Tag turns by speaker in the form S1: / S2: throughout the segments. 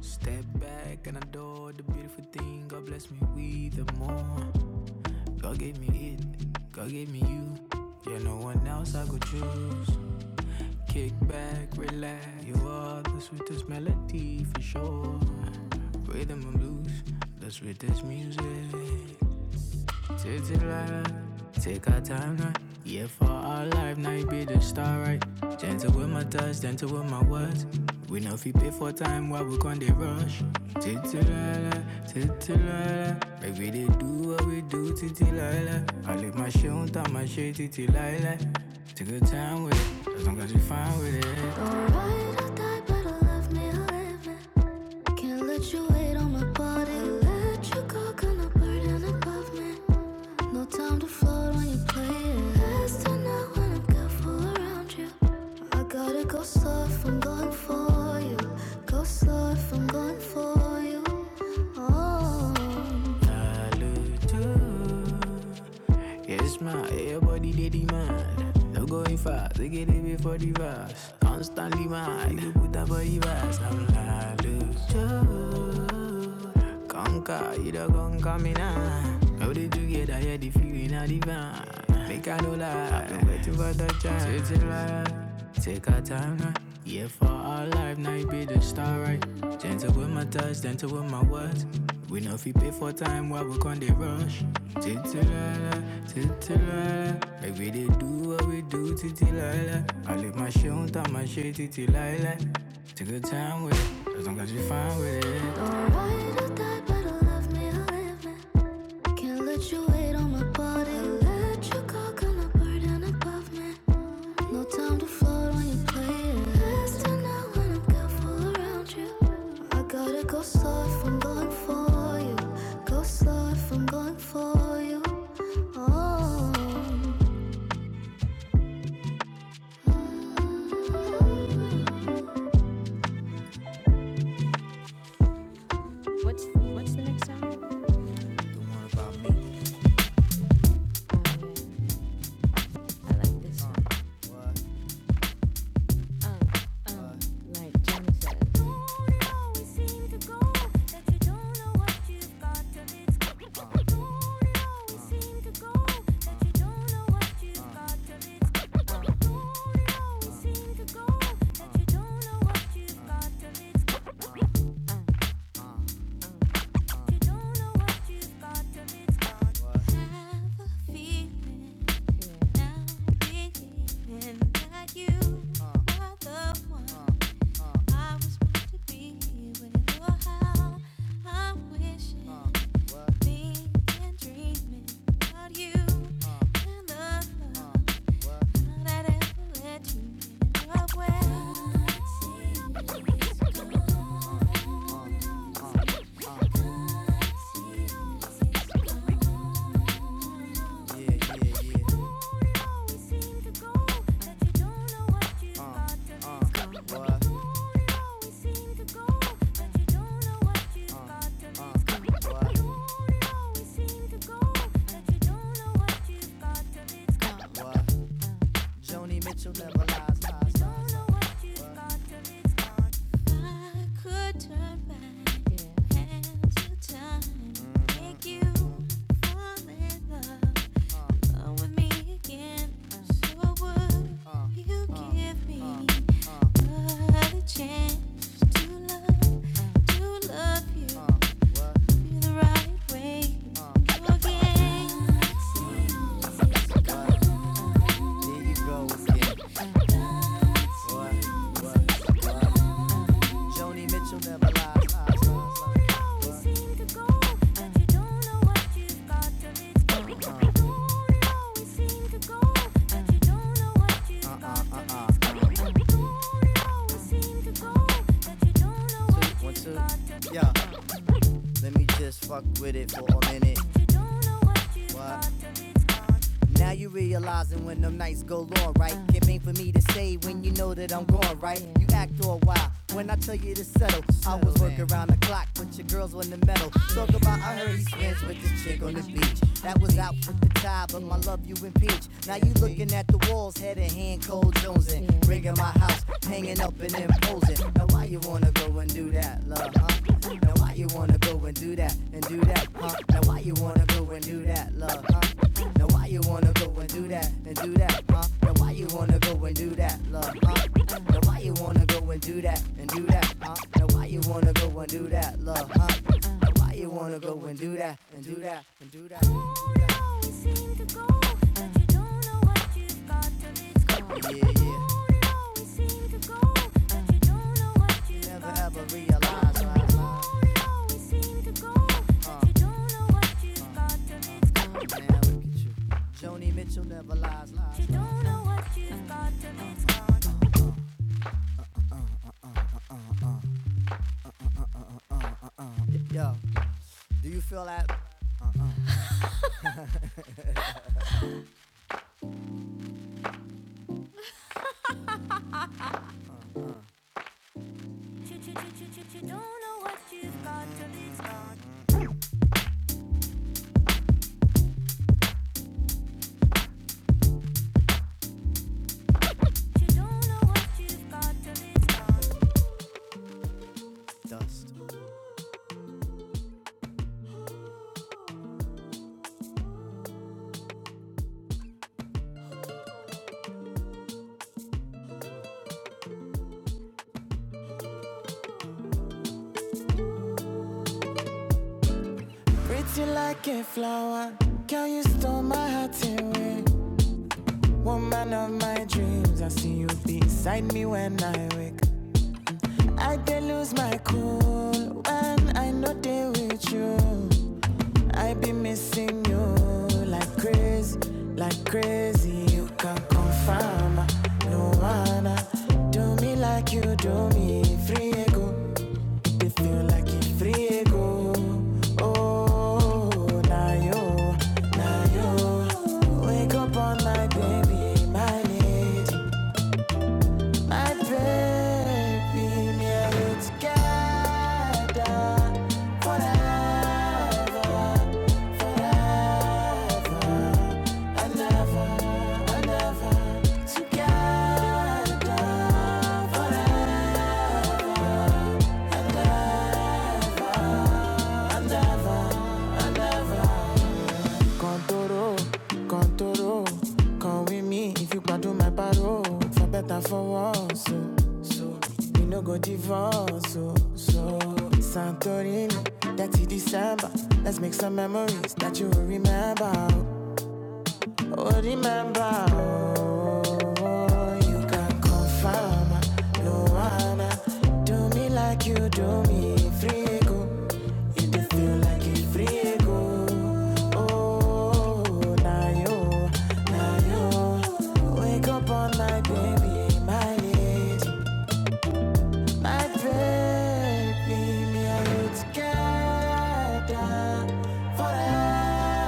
S1: Step back and adore the beautiful thing. God bless me with the more. God gave me it, God gave me you. Yeah, no one else I could choose. Kick back, relax. You are the sweetest melody for sure. Rhythm and blues, the sweetest music. Take it right, right. Take our time now. Yeah, for our life, now you be the star, right? Gentle with my touch, gentle with my words. We know if you pay for time, why we can't they rush? Titilala, titilala. Make we they do what we do, titilala. I lick my shit on top, my shit, titilala. Take your time with it, as long as you fine with it. Naruto, Yes, man, everybody they demand. No going fast, they get it before the verse. Constantly mad, you put up a verse. I'm like, look, Conquer, you don't gon' come in ah. How they together, yeah, the feeling of divine. Make I no lie, I've been waiting for the chance. Take your take our time now. Yeah, for our life, now you be the star, right? Gentle with my touch, gentle with my words. We know if you pay for time, why we can't they rush? Titilala, titilala. Like we they do what we do, titilala. I live my shit on top, my shit, titilala. Take your time with it, as long as you fine with it. There you go. Joni Mitchell never lies. Uh uh uh uh. One, two, one, two. Yeah, let me just fuck with it for a minute. What? Now you realizing when them nights go long, right? It ain't for me to say when you know that I'm gone, right? You act all wild when I tell you to settle. I was working around the clock, but your girls on the metal. Talk about I heard he spins with this chick on the beach. That was out with the tie, but my love you impeach. Now you looking at the walls, head and hand, cold Jones in. Ringing my house, hanging up and imposing. Now why you wanna go and do that, love, huh? Now why you wanna go and do that and do that, huh? Now why you wanna go and do that, love, huh? Now why you wanna go and do that and do that, huh? Now why you wanna go and do that, love, huh? Now why you wanna go and do that and do that, huh? Now why you wanna go and do that, love, huh? Now why you wanna go and do that and do that and do that? Yeah, yeah. Never ever realize, lies, lies. Man, look at you. Joni Mitchell never lies, lies. Uh. uh, uh, uh, uh. Yo, do you feel that dust? Pretty like a flower. Girl, you stole my heart away. Woman of my dreams, I see you beside me when I wake. I can lose my cool when I know they with you. I be missing you like crazy, like crazy. You can confirm, no one do me like you do me. Free ego, they feel like it free ego. Oh, now you, now you wake up all night, baby, my lady, my baby, me and you together forever. Come, let's make this that you remember. Remember, oh, you can confirm. No one do me like you do me. Free go, you do feel like you free go. Oh, now you, now you wake up all night, baby, my lady. My baby, me and together forever.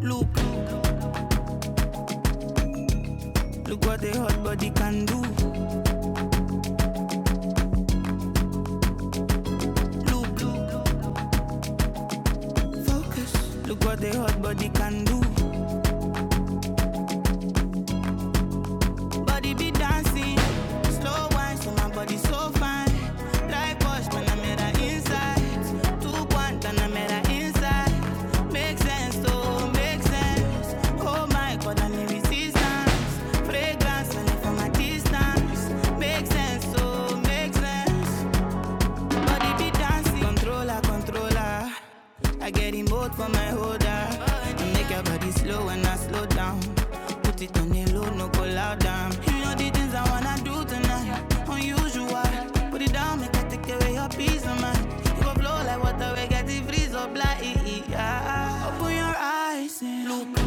S1: Look, look what the hot body can do. Look, look, focus. Look what the hot body can do. Body be dancing. Slow wine, so my body so fine. Like Bosch, man, I'm at her inside. Two point, and I'm at her inside. Make sense, oh, make sense. Oh my god, I need resistance. Fragrance, when for my distance. Make sense, oh, make sense. Body be dancing. Controller, controller. I get in both for my holder. Make your body slow and I slow down. Put it on the low, no go loud down. You know the things I wanna do tonight. Unusual. Put it down, make I take away your peace of mind. You go flow like water, we get the freeze up like. Yeah. Open your eyes and look.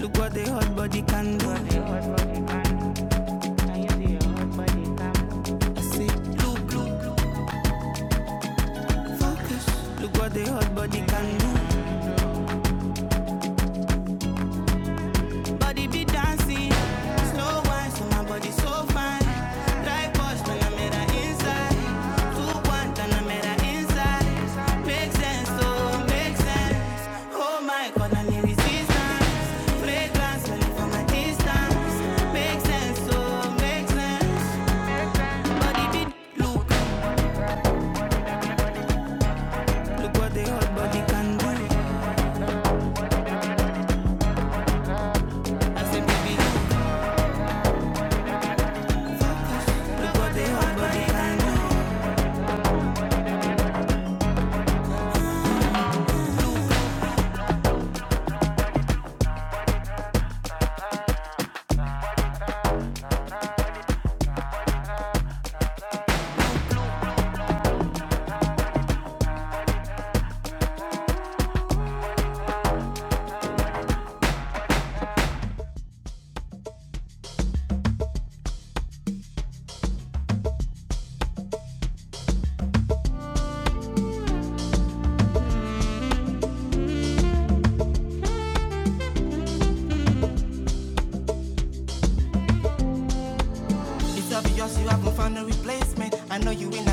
S1: Look what the hot body can do. I say, look, look, look. Focus. Look what the hot body can do. Body be dancing. Slow wine, so my body so fine. Like bush, then I'm her inside. Two one, then I'm her inside. Make sense, oh, make sense. Oh my God, I need resistance. Fragrance, smell it from a distance. Make sense, oh, make sense. Body be look, look what the hot body can do. I said, baby, look, look what the hot body can do.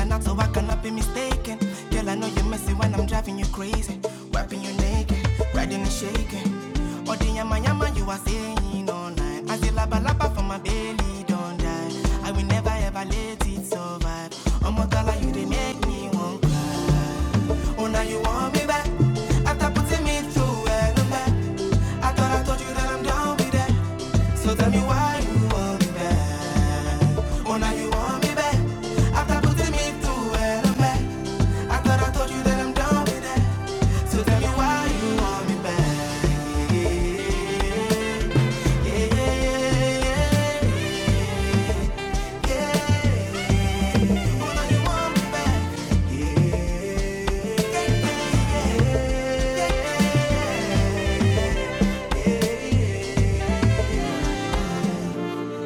S1: me an so I cannot be mistaken. Girl, I know you're messy when I'm driving you crazy. Wiping you naked, riding and shaking. Oh, the yama yama you are saying all night. I say, laba laba for my belly, don't die. I will never ever let it survive. Oh my God, you they make me want cry. Oh, now you want me back. After putting me through hell and back. I thought I told you that I'm down with that. So tell me why you want me back. Oh, now you want me back. After putting me through hell and back. I thought I told you that I'm down with that. So tell me why you want me back.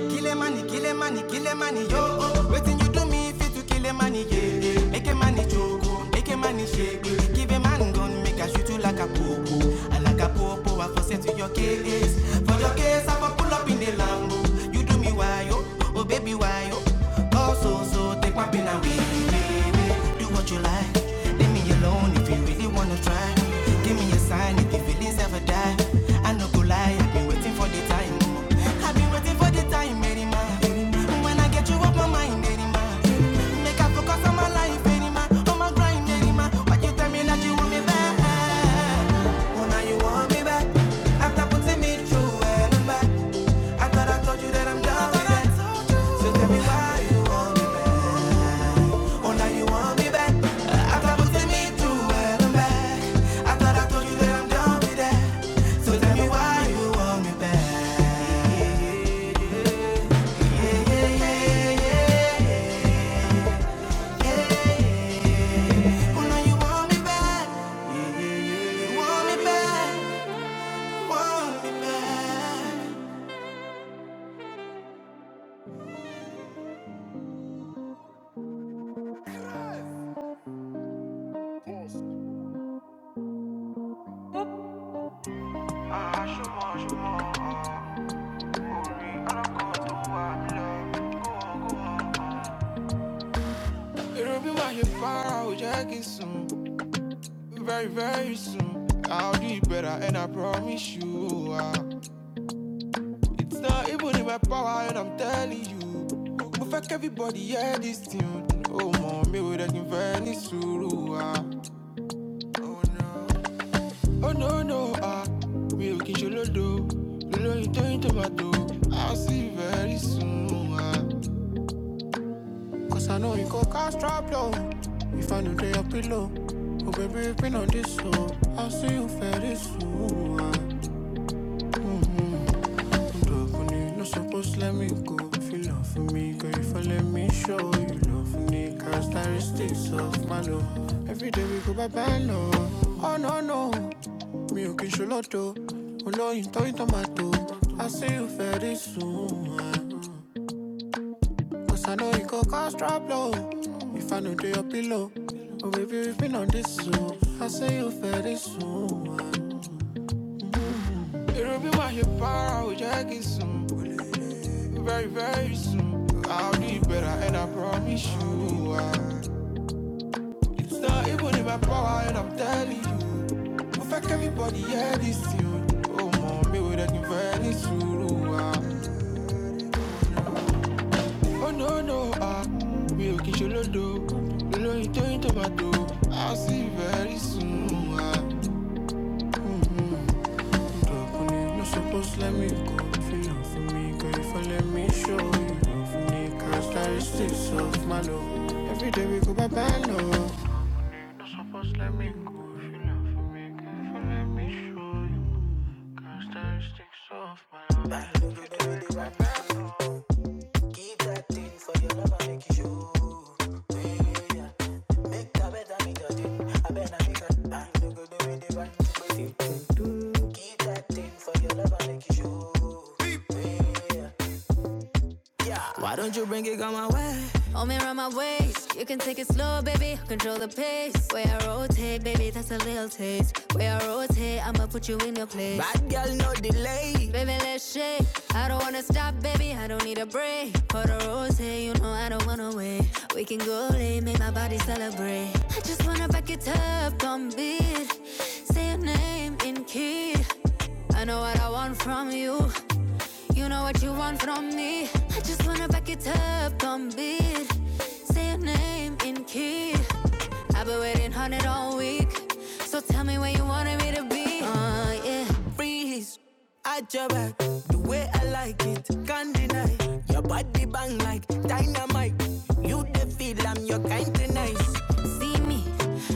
S1: Kill a money, kill a money, kill a money, yo. oh. Waiting you do me if you to kill a money, yeah. yeah. Make a money choke, make a money shake. yeah. Give a man gun, make a shoot you like a popo. And like a popo, I for set to your case. For your case, I for pull up in the Lambo. You do me why, oh, oh baby, why, oh. Oh, so, so, take my pin away, baby. Do what you like. Leave me alone if you really wanna try. Give me a sign if your feelings ever die. I no go lie, I've been waiting for the time. oh. Be waiting for the time, Mary When I get you off my mind, Mary Make I focus on my life, Mary On my grind, Mary Why you tell me that you want me back? Oh, now you want me back. After putting me through hell and back. I thought I told you that I'm done with that. So tell me why you want me back. Oh, now you want me back. After putting me through hell and back. I thought I told you that I'm done with that. So tell me why you want me back. Yeah, yeah. Oh, now you want me back. You want me back. Want me back. It'll be my far I will check it soon. Very, very soon. I'll do it better, and I promise you. ah. it's not even in my power, and I'm telling you. But fuck everybody, yeah, this tune. Oh, mom, me with that very soon. ah. Oh, no, no, ah. Me looking solo do. Lolo, you tomato. I'll see you very soon. ah. Cause I know you go cast drop low, If I know they your below. oh baby, been on this so I'll see you fair this fool. ah. Don't do funny, no supposed to let me go. If you love for me, girl, if I let me show you love for me, characteristics of my love. Every day we go by band, no. Oh no, no, me okay, show lot, though. Oh no, you throw it on my toe. I'll see you fair this soon. ah. Cause I know it go cause trouble. If I know do your pillow. Oh baby, we've been on this so I say you very soon. I hear power, I will check it soon. Very, very soon. I'll do it better and I promise you. ah. It's not even in my power and I'm telling you. Perfect everybody, yeah, this you. Oh, mommy, we're looking very soon. ah. Oh no no, ah, mi ò kì í into olódo, olóyin I'll see you very soon. ah. Dọ̀kun ni no suppose let me go, feel am for me, girl you for let me show you. Love for me, characteristics of my love, every day we go bye bye love. No suppose let me go, feel am for me, girl you for let me show you. Characteristics of my love. Hold me around my waist. You can take it slow, baby. Control the pace. Way I rotate, baby, that's a little taste. Way I rotate, I'ma put you in your place. Body. Baby, let's shake. I don't wanna stop, baby. I don't need a break. Pour the rose, you know I don't wanna wait. We can go late, make my body celebrate. I just wanna back it up on beat. Say your name in key. I know what I want from you. You know what you want from me. I just wanna back it up, don't beat. Say your name in key. I've been waiting on it all week. So tell me where you wanted me to be. Uh, yeah. freeze. At your back, the way I like it, can't deny. Your body bang like dynamite. You the feel I'm your kind of nice. See me,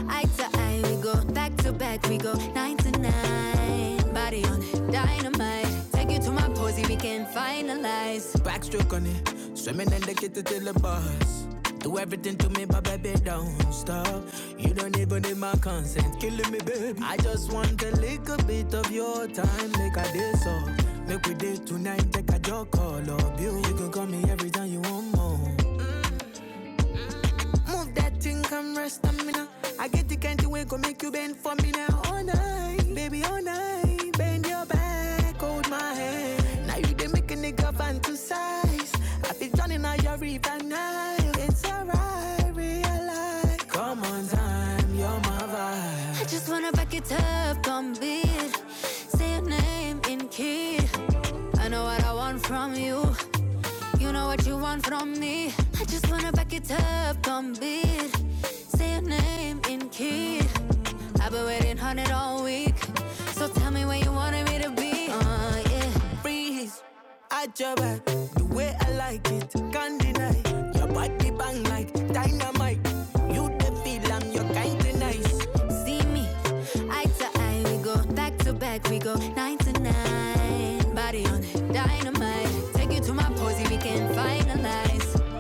S1: eye to eye, we go back to back, we go nine to nine. Body on it, dynamite. Take you to my posy, we can finalize. Backstroke on it, swimming in the kitchen till the bars. Do everything to me, but baby, don't stop. You don't even need my consent, killing me, baby. I just want a little bit of your time, make a day so. Make we date tonight, take a joke, all of you. You can call me every time you want more. Move that thing, come rest on me now. I get the kind of way go make you bend for me now. All night, baby, all night. Bend your back, hold my hand. Now you they make a nigga fantasize. I feel turning out your river Nile. It's alright, realize. Come on, time, you're my vibe. I just wanna back it up, don't beat. Say your name in key. I know what I want from you. You know what you want from me. I just wanna back it up, don't beat. Say your name in key. I've been waiting on it all week. So tell me where you wanted me to be. Uh, yeah. Freeze, at your back, the way I like it, can't deny. Your body bang like dynamite. You the feel I'm your kind of nice. See me, eye to eye, we go back to back, we go nine to nine. Body on it, dynamite. Take you to my posy, we can finalize.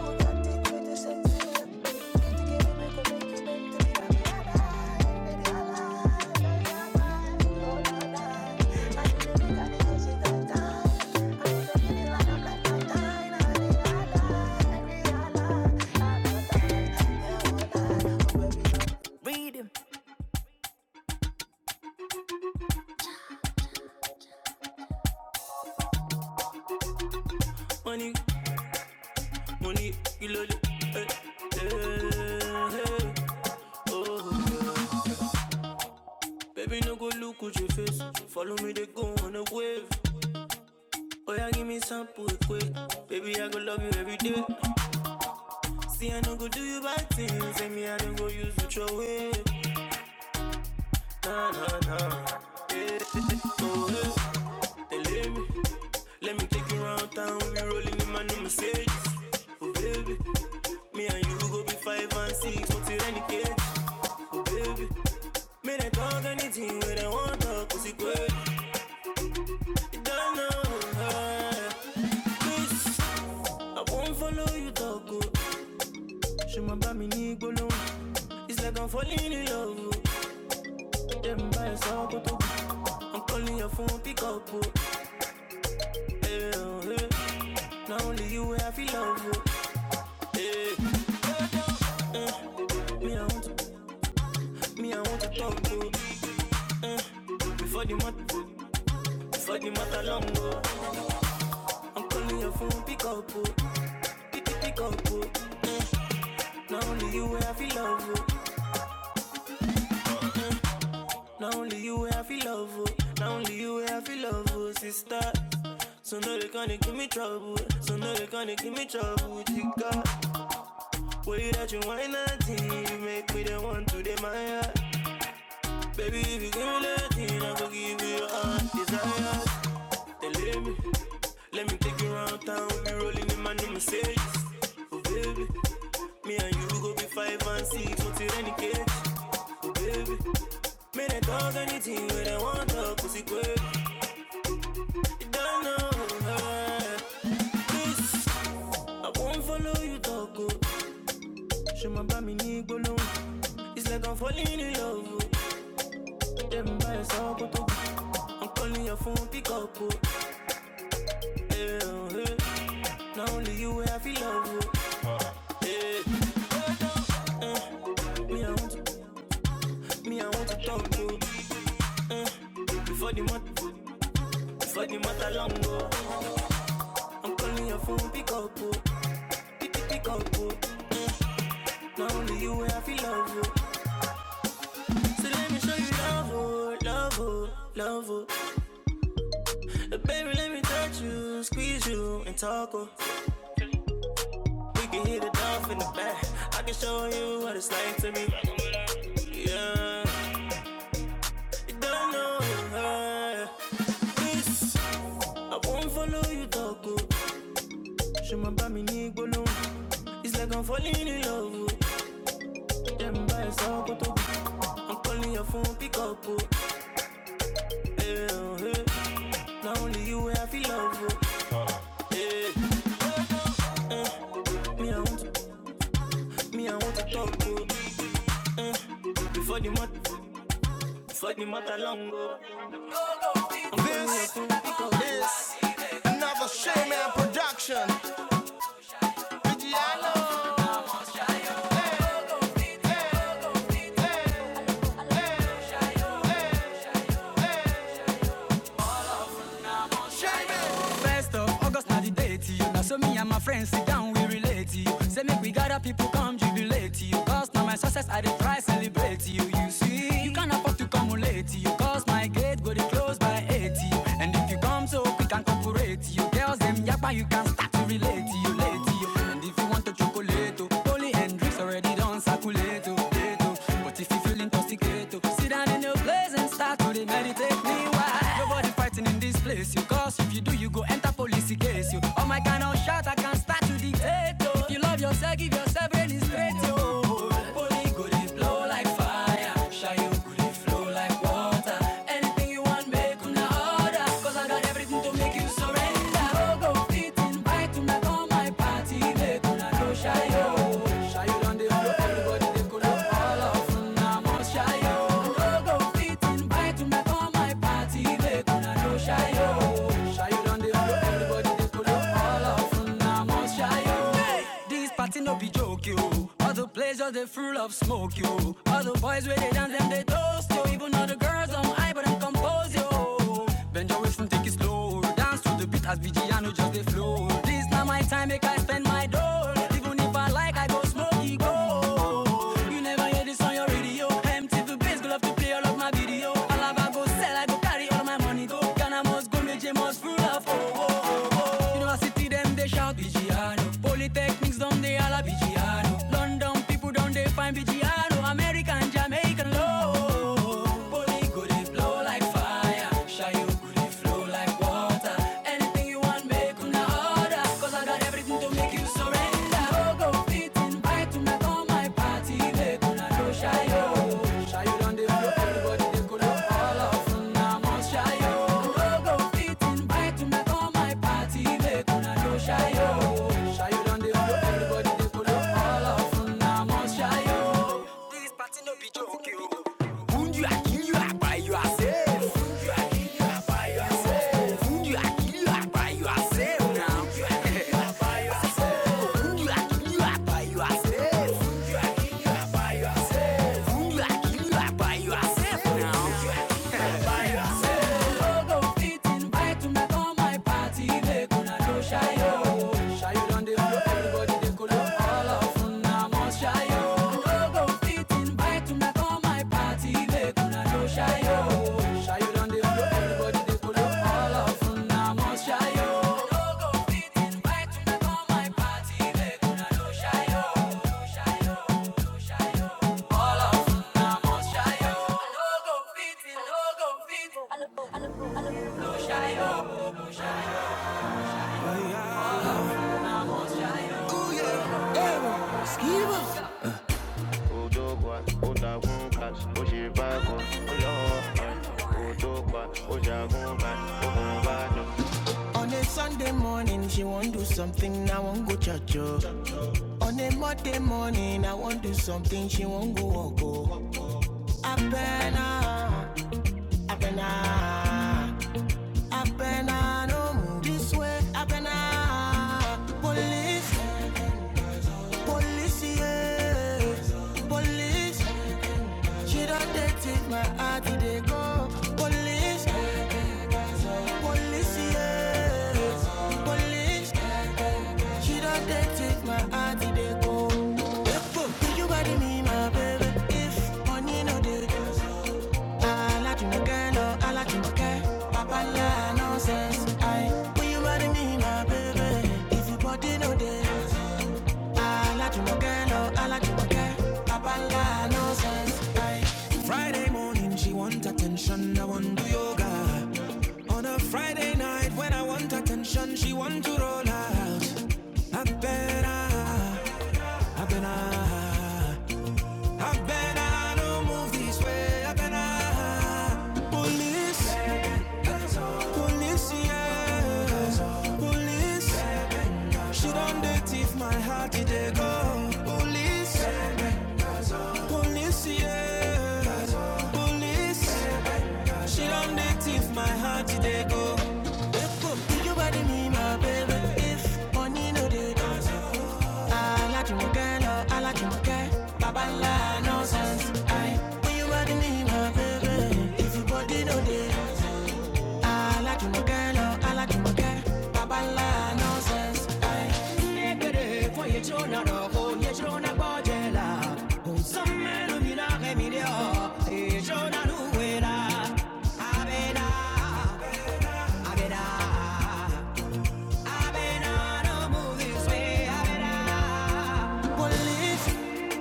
S1: Money, money, you lol it. Eh, eh, eh, oh. Baby, no go look at your face. Follow me, they go on a wave. Oh, yeah, give me sample quick. Baby, I go love you every day. See, I no go do you bad things. Say me, I don't go use with your way. They leave me. Let me take you round town, we be rolling in my new Mercedes. Oh baby, me and you go be five and six, what's it any case. Baby, me they talk anything when I want to talk, cause it good. You don't know, uh, please, I won't follow you talk, oh. She my bami ni gbolo, it's like I'm falling in love, oh. Them by sokoto, I'm calling your phone, pick up, oh. Hey, oh, hey. Not only you, I feel love, oh. Me, I want to, me, I want to talk, oh. Before the month, before the month, I long, oh. I'm calling your phone, pick up, oh. Pick, pick, pick up, oh. Not only you where I feel love, oh. Not only you where I feel love, oh. Not only you where I feel love, oh, sister. So no they gonna give me trouble. So no they gonna give me trouble, chica. Way that you wine at me, you make me the one to admire. Baby, if you give me love, like I'm falling in love. oh. Them by so good, oh. oh, oh. I'm calling your phone, pick up, oh. Yeah, oh, yeah. Not only you where I feel love, oh. Me I want to, me I want to talk to. Before the month For the matter I'm calling your phone, pick up, oh. Pick, pick, pick up, oh. Not only you, I feel love, oh. So let me show you love, oh. Love, oh. Love, oh. Uh, Baby, let me touch you, squeeze you, and talk, oh. We can hear the dove in the back. I can show you what it's like to be. Yeah. You don't know, yeah. This, I won't follow you, dog, oh. She my baby ni gbolo. It's like I'm falling in love, oh. Yeah, my body's all go to I'm calling your phone, pick up, oh. Hey, oh, hey. Now only you I feel love, oh. Me, I want to, me, I want to talk, oh. Before the month, before the month along, oh. I'm calling your phone, pick up, oh. this First of August, not the date to you. Now, so me and my friends sit down, we relate to you. Say, make we gather people come jubilate to you. Cause now my success, I dey try celebrate to you. You see, you can't afford to come late to you. Cause my gate go to close by 80. And if you come so quick and cooperate to you, girls, them yappa you can start to relate to you, late to you. And if you want to chocolate, oh, Holy Hendrix already done circulate, oh, oh. But if you feel intoxicated, to sit down in your place and start to meditate meanwhile. Nobody fighting in this place, you cause if you do, you go enter police case. You all my kind of shot, I can start to dictate. Oh. If you love yourself, give yourself really straight. Oh. Holy go dey like fire, shy you go flow like water. Anything you want, make una order, cause I got everything to make you surrender just the full of smoke, yo. All the boys where they dance, them they toast, yo. Even all the girls on high, but I'm composed, yo. Bend your waist and take it slow. Dance to the beat as Vigiano just they flow. This now my time, make I spend my dough. Even if I like, I go smoke it, go. You never hear this on your radio. MTV bass, go love to play all of my video. All of I go sell, I go carry all my money go. Ghana must go, Nigeria must full of oh oh oh. oh. University them they shout Vigiano. Polytechnics them they all a Vigiano. London people don't they find Vigiano. American, Jamaican, low. Poly Wound you, I kill you, I buy you, I save. You are safe now. Fit invite una come my party, make una no shy yo. Shy you done dey follow everybody dey follow all of una must shy yo. I no go fit invite una come my party, make una no shy yo. Shy you done dey follow everybody dey follow all of no no No no All of una must shy yo. I no fit, no go fit. Ojo kwa, cash, o ṣe ojagun cash, On a Sunday morning, she won't do something, I won't go church. oh. On a Monday morning, I won't do something, she won't go walk. Oh. I better, I better, no move this way, I better. Police, police, yeah. Police, she don't take my heart, they go. Police, Police, yes. Police, she don't take my heart, they go. Police, if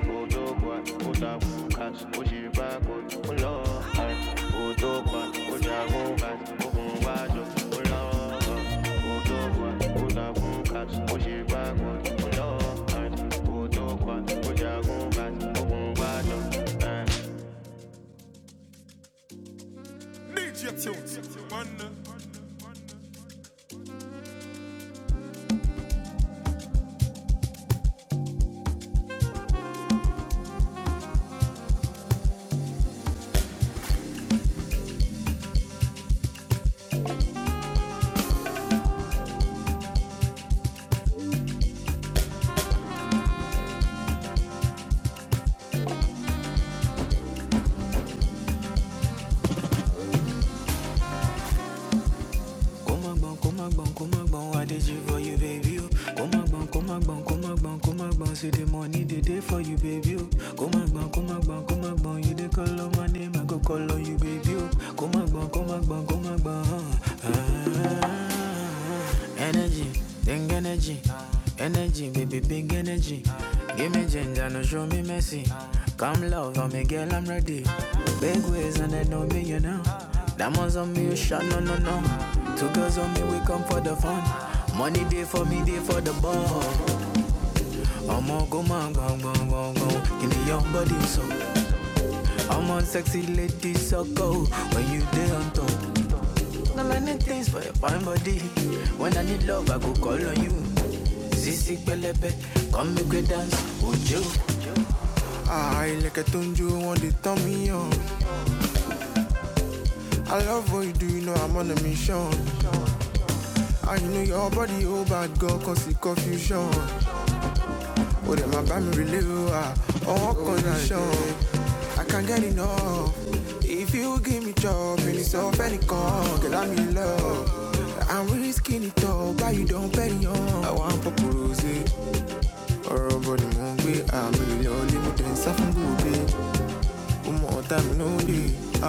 S1: odogwa odagunka oṣèbàgbọ ńlọ odogwa ojagunka ogunwájọ ńlọ odogwa odagunka oṣèbàgbọ ńlọ odogwa ojagunka ogunwájọ. Need your tunes, man. Come on, come on, come on, I did you for you, baby? oh? Come on, come on, come on, come on, See the money they day for you, baby. oh. Come on, come on, come on, You dey call on my name, I go call on you, baby. oh. Come on, come on, come on, Ah, energy, big energy, energy, baby, big energy. Give me ginger, no show me mercy. Come love on me, girl, I'm ready. Big ways and I know me, you know. Diamonds on me, you shot, no, no, no. Two girls on me, we come for the fun. Money day for me, day for the ball. I'm on go man, go go go go. Give me your body so. I'm on sexy lady so go. When you day on top. No many things for your fine body. When I need love, I go call on you. Sisi pelebe, come make we dance, would you? I like a tunju want to turn me on. I love what you do, you know I'm on a mission. I know your body, oh bad girl, cause it's confusion. ó dẹ̀ máa bá mi relieve wa ọwọ́ kan ní I can not get enough if you give me job ẹni sọ fẹ́nìkan get i I'm in love I'm really skinny tall báyìí me. àwọn àpòpòrò ṣe ọ̀rọ̀ bọ̀dì mò ń gbé àmì ìlẹ̀ ọ̀lẹ́ mo tẹ̀ ń sá fún gbòògbé ó gboogbe more time tàbí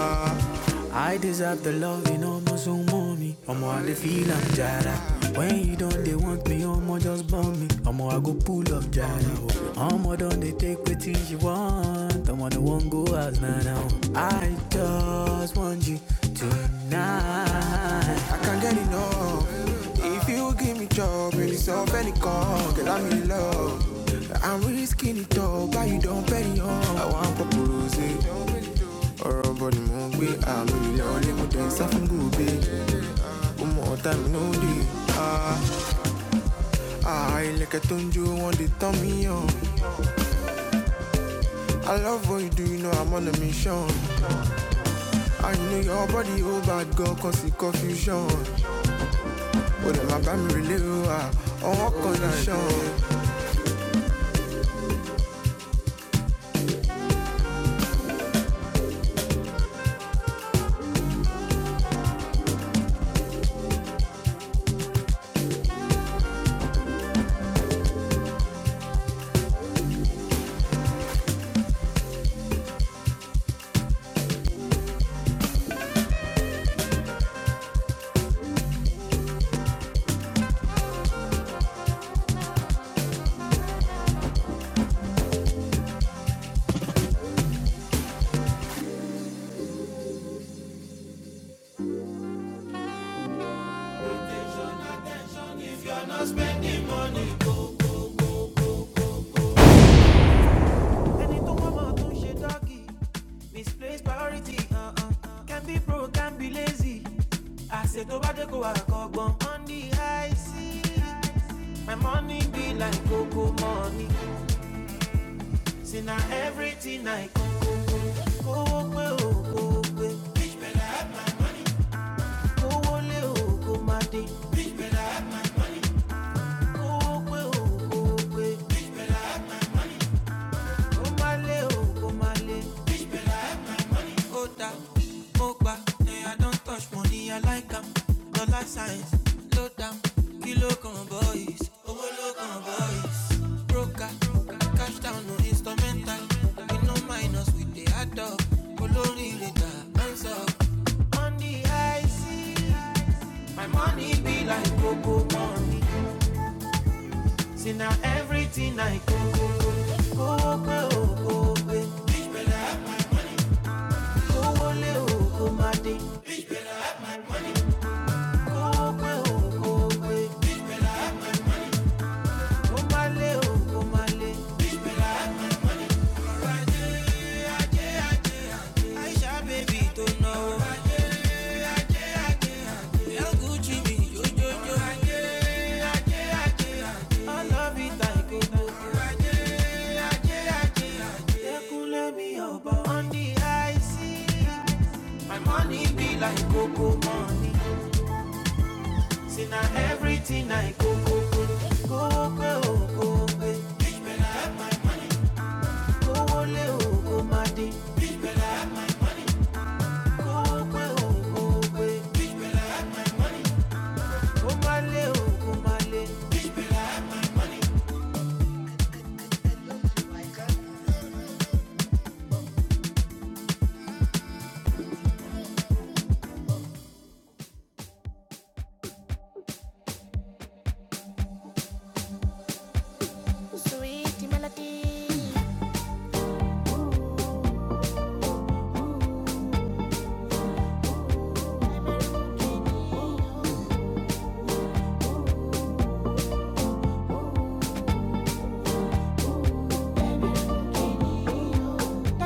S1: Ah. I deserve the love in almost so mommy. Omo, I dey feel I'm Jada. When you don't they want me, i am omo just bomb me. i am Omo, I go pull up jara. oh. Omo do done, they take wetin you want. Omo the one go as now now. I just want you tonight. I can't get enough. If you give me job, really solve any call, girl, I'm in love. I'm risking it all, but you don't pay on. I want proposal ọ̀rọ̀ bọ̀ ni mò ń gbé àmì ilẹ̀ ọ̀lẹ́ mo tẹ̀ ń sá fún gòbè ó mọ ọ̀tá mi ló dé àà ilẹ̀kẹ̀ I love what you do, you know I'm on a mission. I know your body, oh bad girl, cause it's confusion. But then my bami relay, oh, ah, on what condition? Oh, misplaced priority. Uh, uh, uh. Can be broke, can be lazy. I said, Tobacco, I go out on the high seas. My money be like cocoa money. See now, everything I could.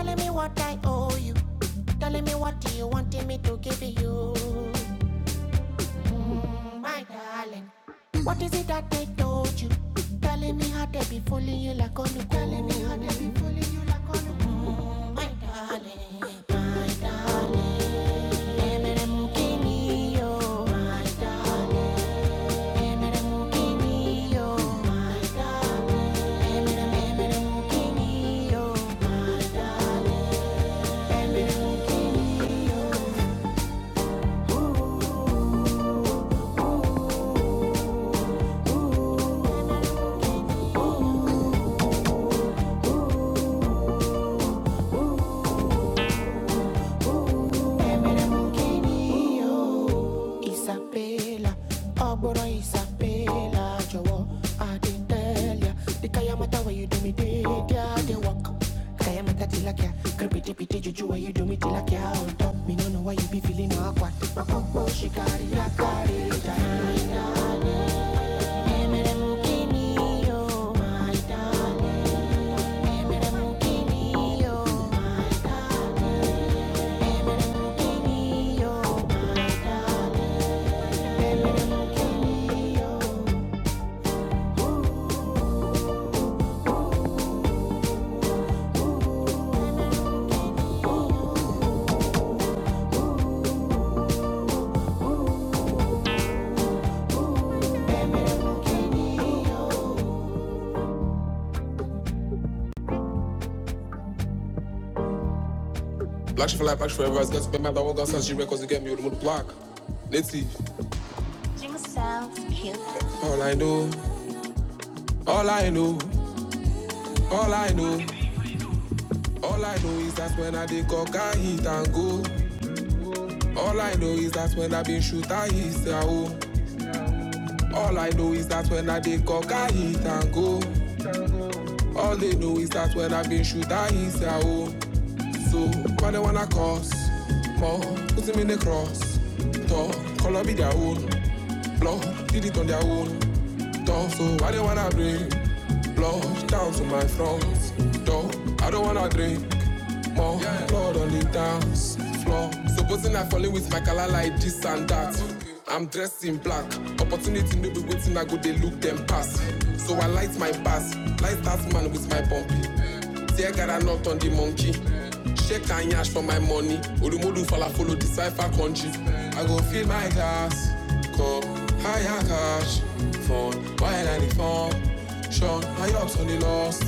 S1: Tell me what do you want me to give you? Pay, oh, but is a pay. That way you do me day. I am a daddy like pretty, do me till I care. me no know why you be feeling no Black shit for life, black shit forever. It's got to be my one gun since she records to get me with the block. Let's see. All I know, all I know, all I know, all I know is that's when I did cock and hit and go. All I know is that's when I been shoot and hit and oh. All I know is that when I dey cock, I hit and go. All they know is that when I been shoot, I hit ya oh. So why they wanna cause more? Put him in the cross. Talk, color be their own. Blow, did it on their own. Don't so I don't wanna drink. blood down to my thrones. Though I don't wanna drink more blood on the dance floor. Supposing I fall in with my color like this and that. I'm dressed in black. Opportunity no be waiting. I go they look them pass. So I light my pass, light that man with my bumpy. Dear God, I knocked on the monkey. Shake and yash for my money. Olumudu fala follow the cipher country. I go fill my glass, cup, higher cash, phone, while I the Sean, my ups on the lost,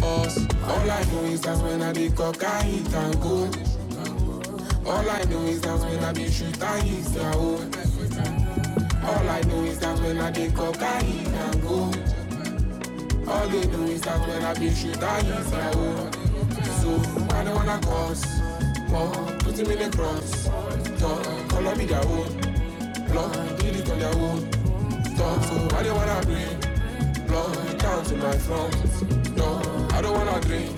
S1: cause all I know is that when I be cock, I eat and go. All I know is that when I be shoot, I eat and go. All I know is that when I be cock, I eat and go. All they do is that when I be shit, I use my own. So I don't wanna cause more. Put him in the cross. Talk, color me their own. Blood, did it on their own. Talk, so I don't wanna bring blood down to my front. No, I don't wanna drink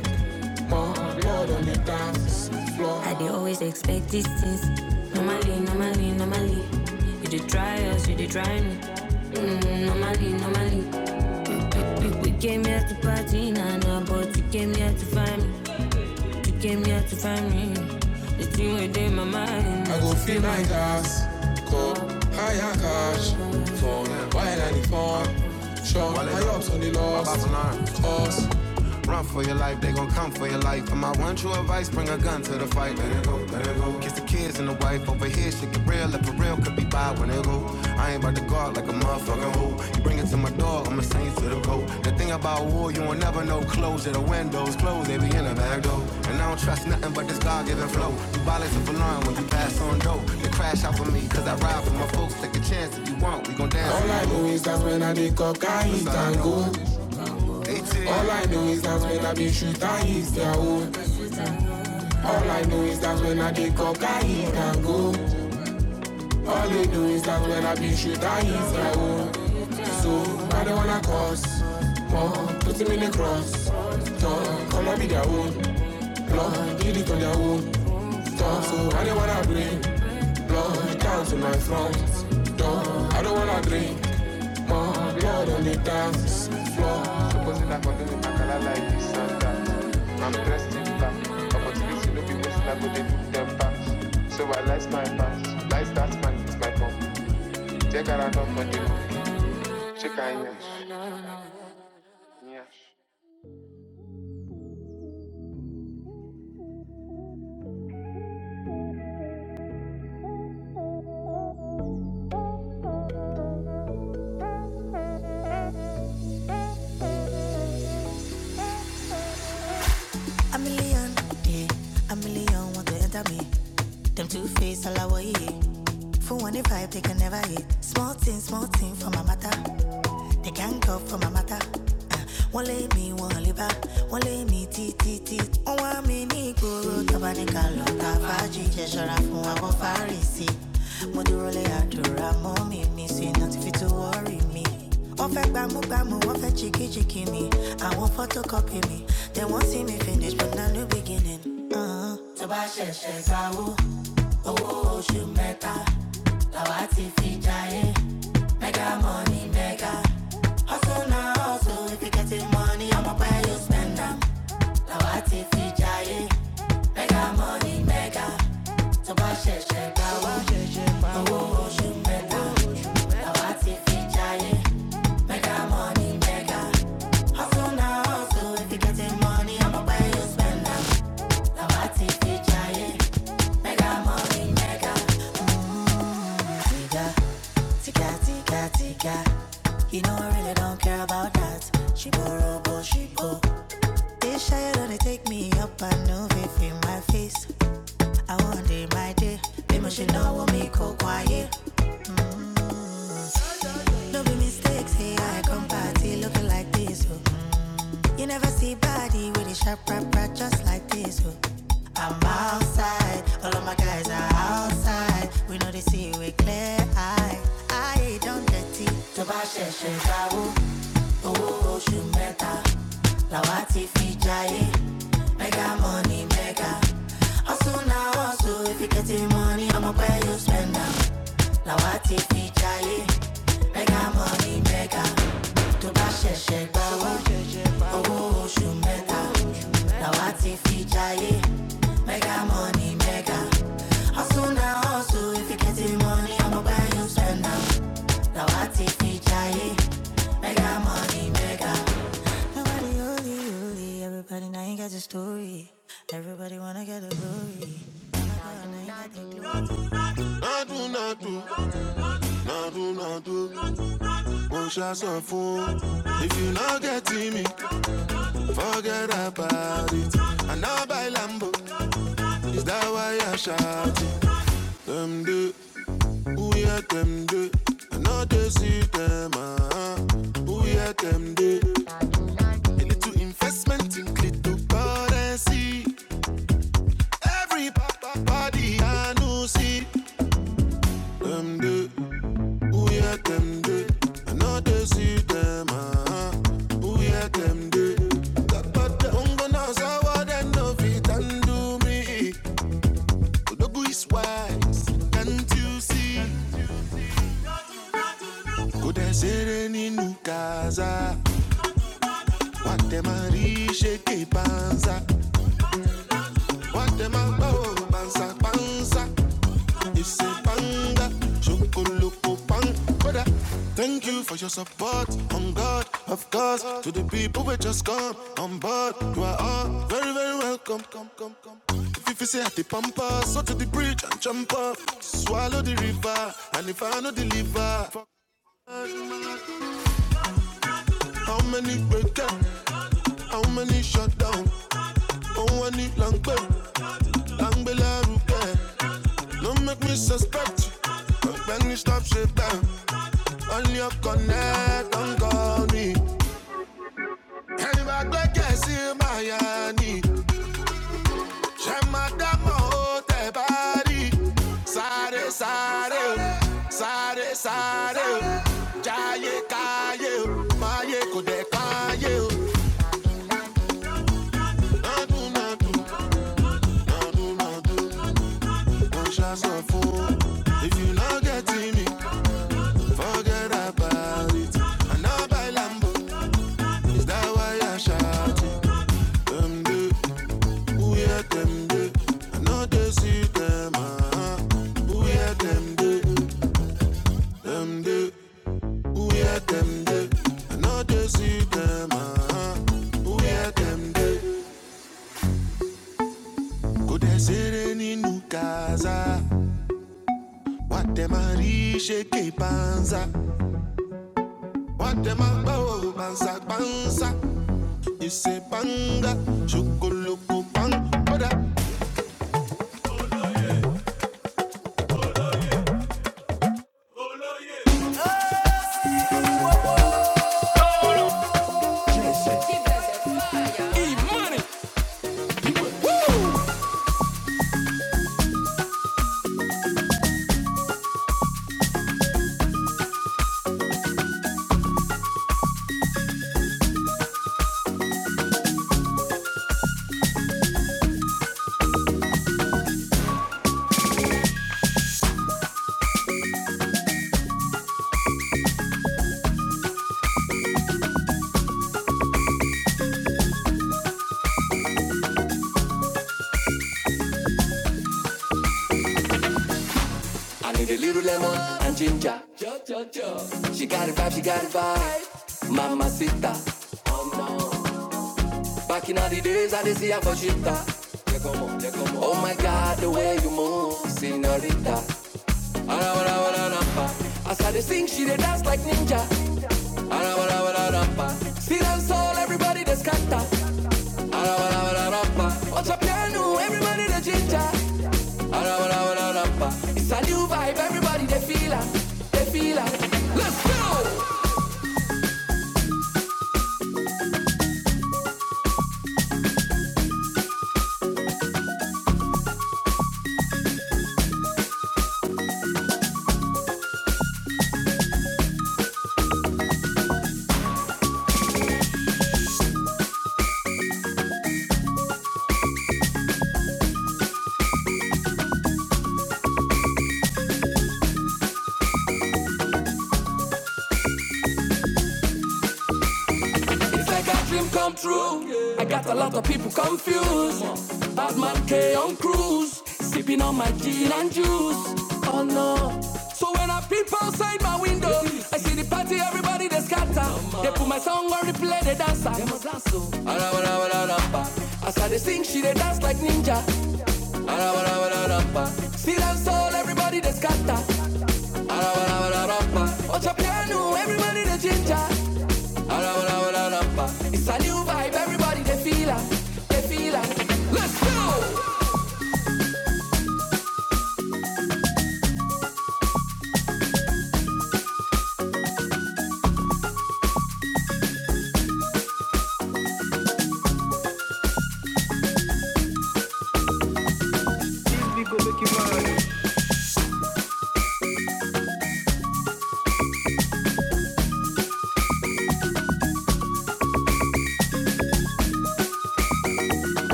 S1: more blood on the dance floor. I they always expect these things. Normally, normally, normally. You dey try us, you dey try me. Mm, normally, normally. You, you came here to party, nah, nah, but you came here to find me. You came here to find me. The thing within my mind. I go fill my glass, cup, higher cash, phone, wine and the phone. Shop, my ups on the loss, us, Run for your life, they gon' come for your life. And my one true advice, bring a gun to the fight. Let it go, let it go. Kiss the kids and the wife over here, shit get real. If for real, could be by when it go. I ain't about to guard like a motherfucking hoe. You bring it to my door, I'ma send you to the coat. The thing about war, you won't never know. Closure, the windows close, they be in the back door. And I don't trust nothing but this God-given flow. You violate the alarm when you pass on dope. They crash out for me, cause I ride for my folks. Take a chance if you want, we gon' dance. All I know is that when I dey cocaine, it can go. All I know is that when I be shoot, I their own. All I know is that when I dey cock, I hit and go. All they know is that when I be shoot, I their own. So I don't wanna cause more. Put him in the cross. Talk, come and be their own. Lord, did it on their own. don't. so I don't wanna bring blood down to my front. don't. I don't wanna drink more blood on the dance floor. A million. A million want to enter me. Them two face all our year. For one if I they can never hit. Small thing, small thing for my matter. They can't go for my matter. Uh, one lay me, one liver. One lay me, tea, tea, tea. One want me, ni guru. Tabanika, lota, faji. Jeshara, fun, wabo, farisi. Modurole, adura, mommy, me. Say nothing fit to worry me. Offer bamu wọ́n fẹ́ gbámúgbámú wọ́n fẹ́ chikichiki mi àwọn photocopy me. they won't see me finish but na new beginning. Uh-huh. tó You know I really don't care about that. She borrow, but she go. This shy don't take me up and no if in my face. I want day my day. They must know what me go quiet. No be mistakes, hey I come party looking like this. Oh. You never see body with a sharp rap, rap just like this. Oh. I'm outside, all of my guys are outside. We know they see with clear eye. I don't get it. Nobody holy, holy. Everybody now ain't got your story. Everybody wanna get the glory. Now do Nadu, do one shot of food. If you not getting me, forget about it. And now by Lambo, is that why I shout it? Them do, who hear them do? I know they see them, ah. Who hear them do? A little investment in cryptocurrency. Every papa body I know see them do. Who yeah them do? I know they see them. Ah, who yeah them do? That but the ungo now sour then no fit and do me. Odogu is wise, can't you see? Could I say any nukaza? What them a riche que panza? What them a bow panza panza? It's a panda, chocolate pan, brother. Thank you for your support. On God, of course, to the people who just come on board. You are all very, very welcome. Come, come, come. If you say at the pampa, so to the bridge and jump off. Swallow the river, and if I no deliver, How many break up? How many shut down? Oh, I need long bell, long bell, I don't care. Don't make me suspect. When you stop, shit down. On your connect, don't call me. Ẹni máa gbẹ́kẹ̀ sí Miami. Ṣé máa dámọ̀ ó tẹ̀ bá rí? Sáré sáré my sáré sáré o. Jáyé káyé o, máyé kò dẹ̀ káyé o. Wọ́n ṣàṣọ fún mi lọ́gẹ̀tì. Àwáyé àṣà náà dé sí them, them dey. Who hear them dey? I no dey see them. ah, ah. Who hear them dey? Kò dẹ̀ ṣeré nínú Gaza. Watema shake panza. Watema go panza panza. You say banga, shukuloko bang. in all the days I did see a for Yeah, yeah, Oh my God, the way you move, senorita. Ara wara wara rampa. As I dey sing, she dey dance like ninja. Ara wara wara rampa. Still and soul, everybody dey scatter. Ara wara wara rampa. Ocha piano, everybody dey ginger. It's a new vibe, everybody they feel it, they feel it. Let's go! Body they scatter.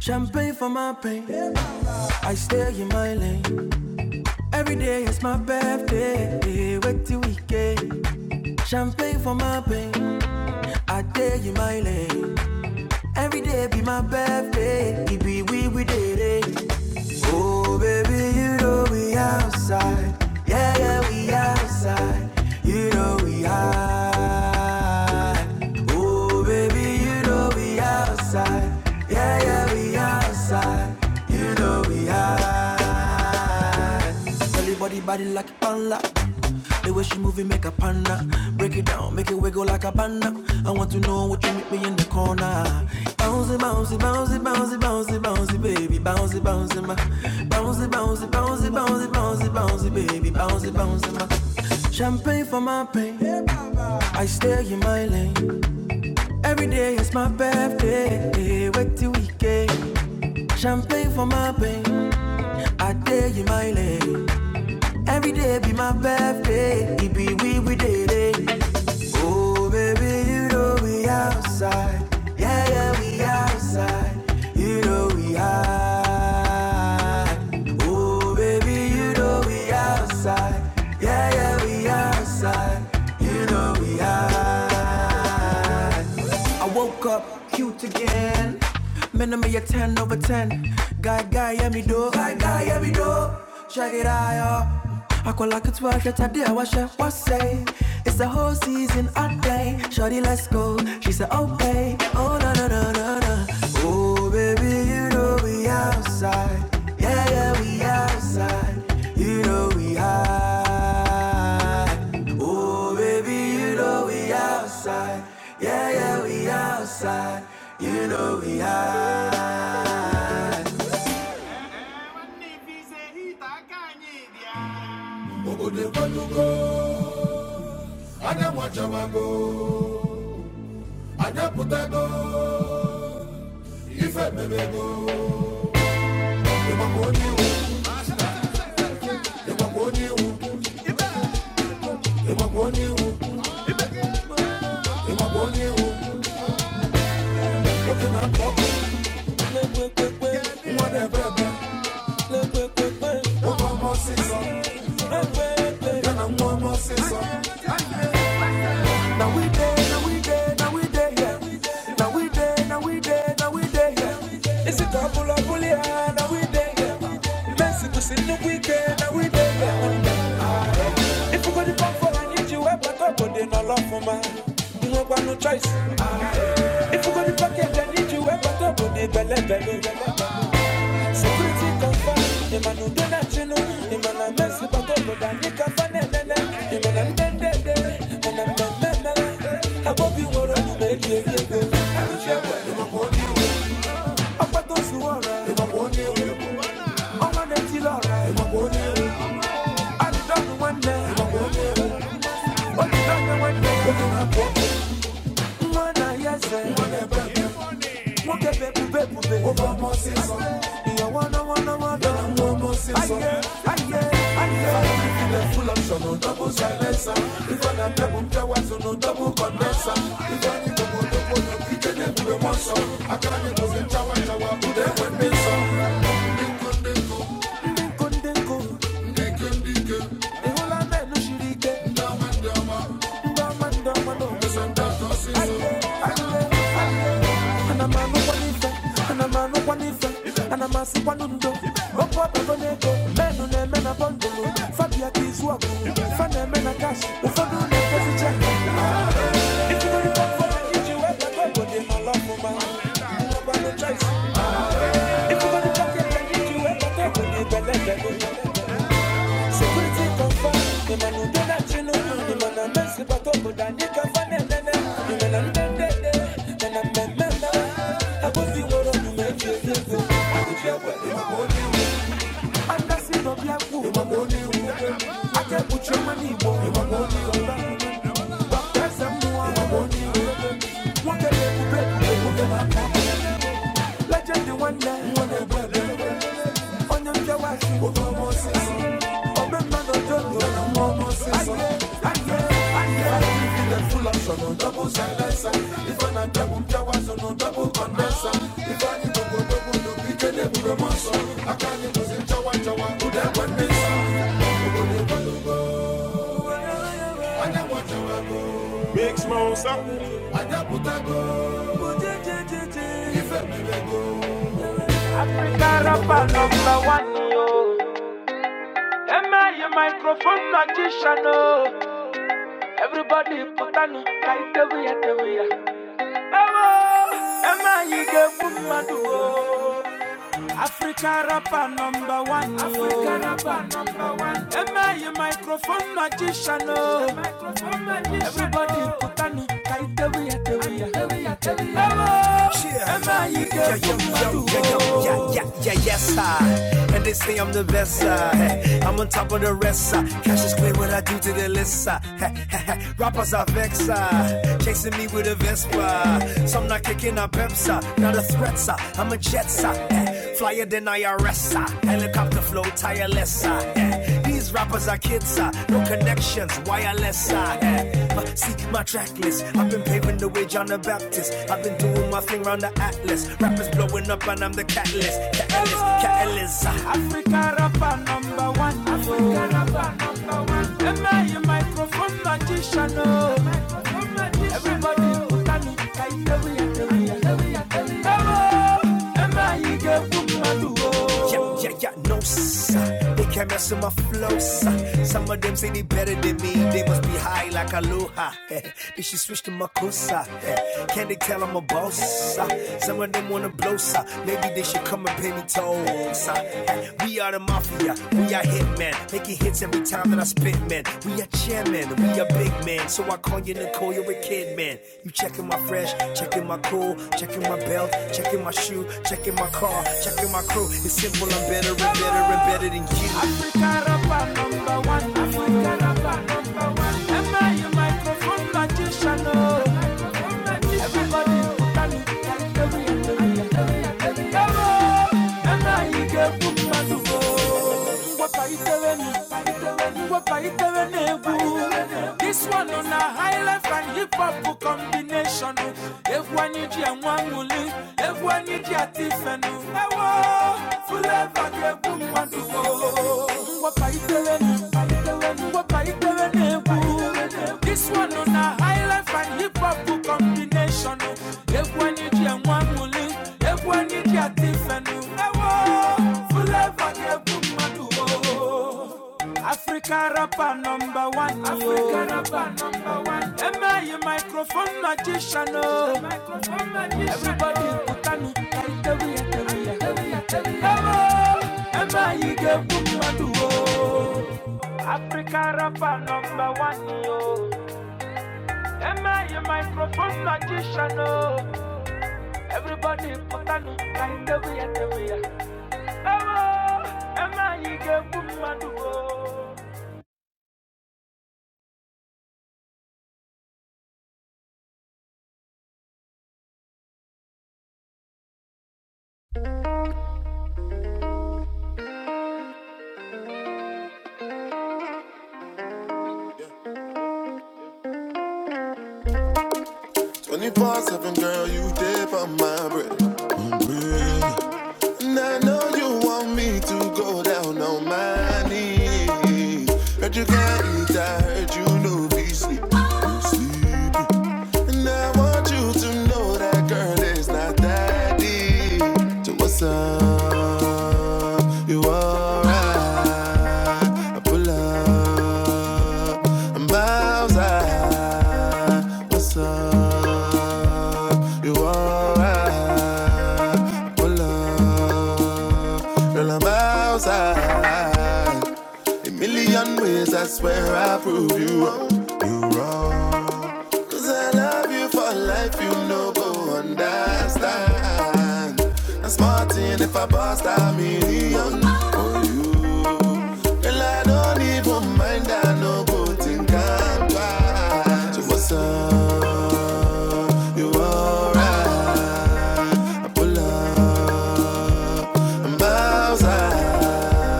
S1: Champagne for my pain, I stay in my lane. Every day is my birthday, eh, wait till weekend. Champagne for my pain, I stay in my lane. Every day be my birthday, it be we we did it. Oh, baby, you know we outside. Yeah, yeah, we outside. You know we high. Oh, baby, you know we outside. Yeah, yeah, outside. Tell your body, body like a panda. The way she move it, make a panda. Break it down, make it wiggle like a panda. I want to know what you meet me in the corner. Bouncy, bouncy, bouncy, bouncy, bouncy, bouncy, baby, bouncy, bouncy, my. Yeah, yeah, you know we high. Woke up cute again. Man, I'm a 10 over 10. Guy, guy, yeah, me do. Guy, guy, yeah, me do. Check it out, yo. I call like it's worth it, I did, I wash it, say? It's the whole season, I play. Shorty, let's go. She said, oh, babe. Ajamago, Ajaputago, Ifebebego, Emagoniu, Emagoniu, Emagoniu, Emagoniu, Mwadebebe, Obama Sisa, Yana Mwama Sisa. Now we there, now we there, now we there, yeah. Now we there, now we there, now we there, yeah. Is it a or bullia? Now we there, yeah. Mercy to sin the weekend, now we there, yeah. If we go to pump for I need you, ever talk, but they no love for man. You know, got no choice. If we go to pocket, I need you, ever talk, but they belle, belle, belle. Mwana yeze, mwana bebe, mwana bebe, bebe, bebe, mwana bebe, ana masikwa n'udo okwu ọkpọgo n'ego menụ na-eme na bọndụlụ fabia ka izu ọgụ fa na-eme na kash ụfọdụ na-ekwezi chek I was the one who made you feel good. I could share what you want. Angasị microphone magician, oh. Everybody put on a kite, we are the way. Emma, you get good, man, oh. Africa rapper number one. Africa rapper number one. MI microphone magician. Oh. Everybody put on it. Kaitewiya, tewiya. She side. And they say I'm the best side. Hey, I'm on top of the rest side. Cash is clear what I do to the list side. Rappers are vexed side. Chasing me with a Vespa. Some not kicking a Pepsi. Not a threat side. I'm a jet side. Hey, Flyer than IRS side. Helicopter flow tireless side. Hey, these rappers are kids, ah, no connections, wireless. ah, eh. see my track list. I've been paving the way, John the Baptist. I've been doing my thing round the atlas. Rappers blowing up, and I'm the catalyst. Catalyst, catalyst. ah. Yeah, yeah, yeah, no sir. They can't mess with my flow, sir. Some of them say they better than me. They must be high like aloha. Eh. They should switch to Makusa. eh. This one on a high life and hip hop combination. oh. Everyone you just one willing, everyone you just different. oh. Ewo, full of a good woman to go. What I tell you, telling me? African Aban. Am I Africa rapper number one, yo. Am I a microphone magician? Oh, everybody put on it like the way the way. Oh, am I a good woman? Oh, 24 7, girl, you dip on my bread. I'm And I know you want me to go down on my knees. Heard you can't eat, I heard you know be sleep. Sleepy. And I want you to know that girl is not that deep. So what's up? You alright? I pull up. I'm outside. What's up? You alright? I pull up. Girl, I'm outside. A million ways I swear I'll prove you wrong. You wrong. Cause I love you for life, you no go understand. I'm smarting if I bust a million. Girl, I don't even mind, I no go think I'm bad. So what's up, you alright? Pull them miles out.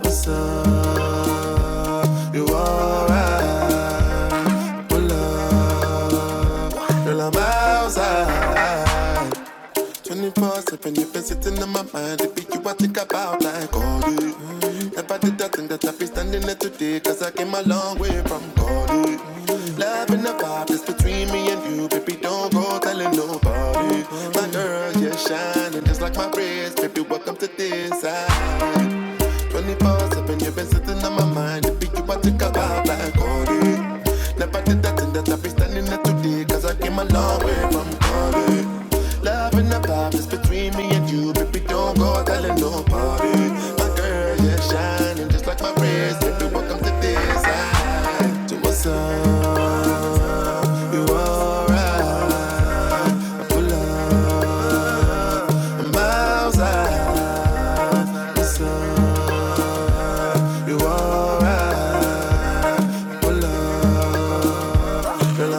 S1: What's up, you alright? Pull up, girl, I'm outside. 24 7, you've been sitting in my mind. It be you I think about like all day. Never did I think that I'd be standing here today, cause I came a long way from God. eh. Love and the vibe that's between me and you, baby, don't go telling nobody. My girl, you're shining just like my wrist, baby, welcome to this side. Twenty-four seven, you've been sitting on my mind. If you want to come out like all day. never did that thing that I be standing there today. Cause I came a long way from calling. Love and the vibe is between me and you, baby. Don't go telling nobody. My girl, you're shining just like my wrist. Baby, welcome to this side. To what's up? You alright? Outside, what's up? You alright? Pull up, girl,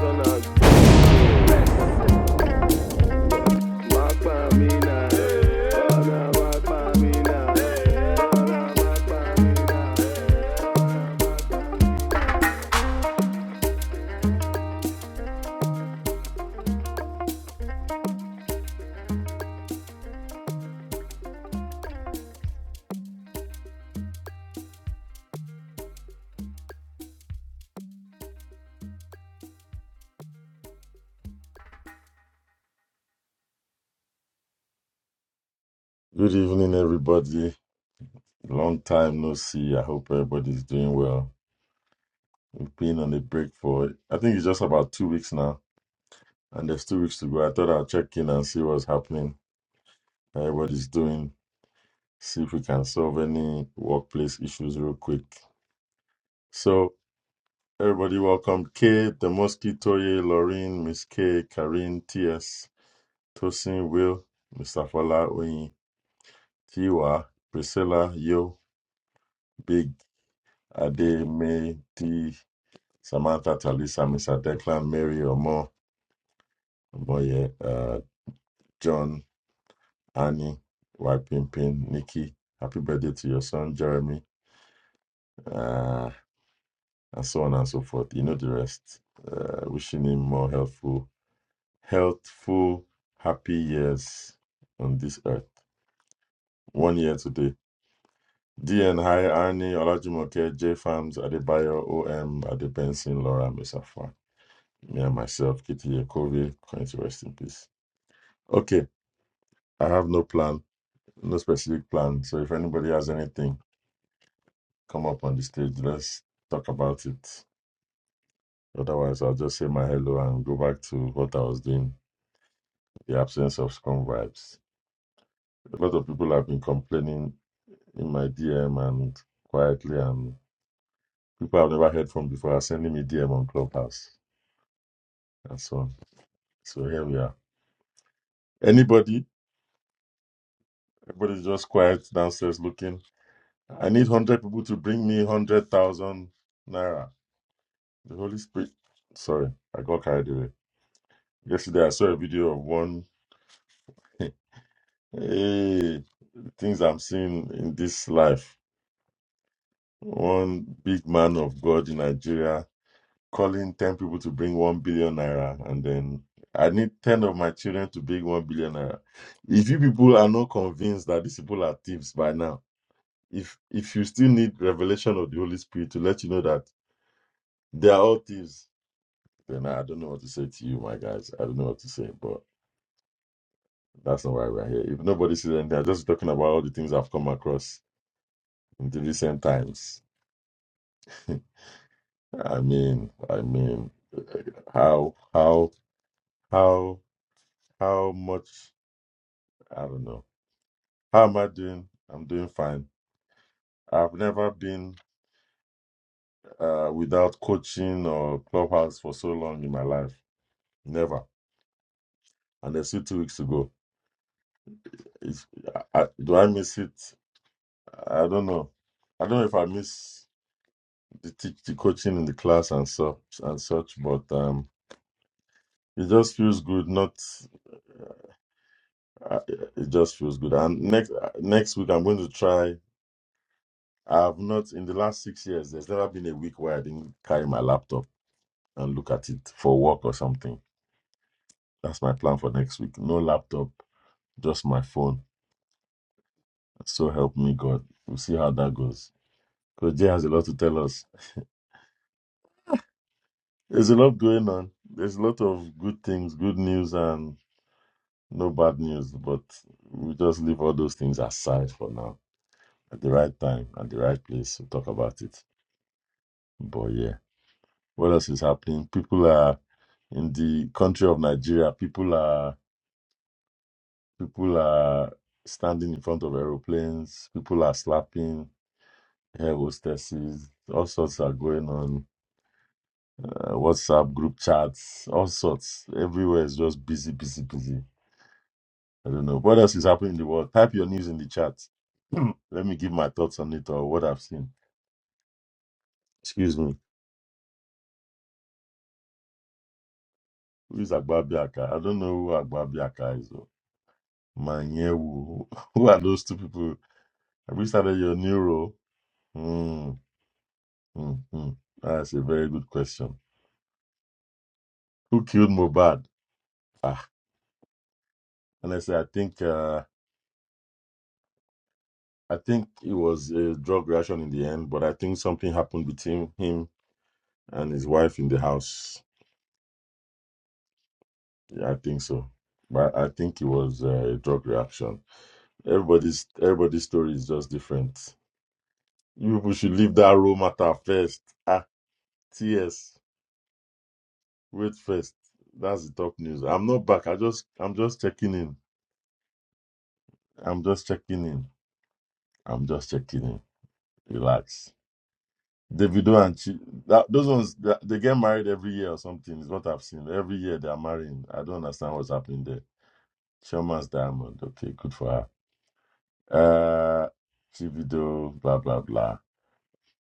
S1: I'm outside. Rock for me now. Gonna rock for me now.
S2: Good evening, everybody. Long time no see. I hope everybody's doing well. We've been on a break for, I think it's just about two weeks now, and there's two weeks to go. I thought I'll check in and see what's happening, how everybody's doing, see if we can solve any workplace issues real quick. So, everybody, welcome K. Demoski, Toye, Laureen, Miss K, Karine, TS, Tosin, Will, Mr. Fala, Oyin, Tiwa, Priscilla, Yo, Big, Ade, May, T. Samantha, Talisa, Mr. Declan, Mary, Omo, Boye, uh, John, Annie, Pimpin, Nikki. Happy birthday to your son, Jeremy, uh, and so on and so forth. You know the rest. Uh, wishing him more healthful, healthful, happy years on this earth. One year today. DN, hi, Arnie, Olajumoke, J Farms, Adebayo, OM, Adebensin, Laura, Misafa. Me and myself, Kitty Yakovi, going to rest in peace. Okay. I have no plan, no specific plan. So if anybody has anything, come up on the stage. Let's talk about it. Otherwise, I'll just say my hello and go back to what I was doing. The absence of scrum vibes. A lot of people have been complaining in my DM and quietly, and people I've never heard from before are sending me DM on Clubhouse and so on. So here we are. Anybody? Everybody's just quiet downstairs looking. I need one hundred people to bring me one hundred thousand naira. The Holy Spirit. Sorry, I got carried away. Yesterday, I saw a video of one. hey, the things I'm seeing in this life. One big man of God in Nigeria calling 10 people to bring 1 billion naira, and then I need 10 of my children to bring 1 billion naira. If you people are not convinced that these people are thieves by now, if if you still need revelation of the Holy Spirit to let you know that they are all thieves, then I don't know what to say to you, my guys. I don't know what to say, but. That's not why we're here. If nobody says anything, I'm just talking about all the things I've come across in the recent times. I mean, I mean, eh, how, how, how, how much? I don't know. How am I doing? I'm doing fine. I've never been uh, without coaching or clubhouse for so long in my life. Never. And there's still two weeks to go. If, I, I- do I miss it? I don't know. I don't know if I miss. the teach the coaching in the class and such and such but um it just feels good not uh, it just feels good and next uh, next week i'm going to try i've not in the last six years there's never been a week where i didn't carry my laptop and look at it for work or something that's my plan for next week no laptop just my phone so help me god we'll see how that goes because jay has a lot to tell us there's a lot going on there's a lot of good things good news and. No bad news, but we just leave all those things aside for now. At the right time, at the right place, we'll talk about it. But yeah, what else is happening? People are in the country of Nigeria. People are people are standing in front of aeroplanes. People are slapping air hostesses. All sorts are going on. Uh, WhatsApp group chats. All sorts. Everywhere is just busy, busy, busy. I don't know. What else is happening in the world? Type your news in the chat. Let me give my thoughts on it or what I've seen. Excuse me. Who is Agbabiaka? I don't know who Agbabiaka is. oh. Manyewu. Who are those two people? Have you started your new role? Hmm. hmm, hmm. That's a very good question. Who killed Mobad? Ah, honestly, I think uh, I think it was a drug reaction in the end, but I think something happened between him and his wife in the house. Yeah, I think so. But I think it was uh, a drug reaction. Everybody's everybody's story is just different. You people should leave that raw matter first. Ah, TS, wait first. That's the top news. I'm not back. I just I'm just checking in. I'm just checking in. I'm just checking in. Relax. Davido and Chi, that, those ones they they get married every year or something. Is what I've seen. Every year they are marrying. I don't understand what's happening there. Sherman's diamond. Okay, good for her. Uh, TV though, blah blah blah.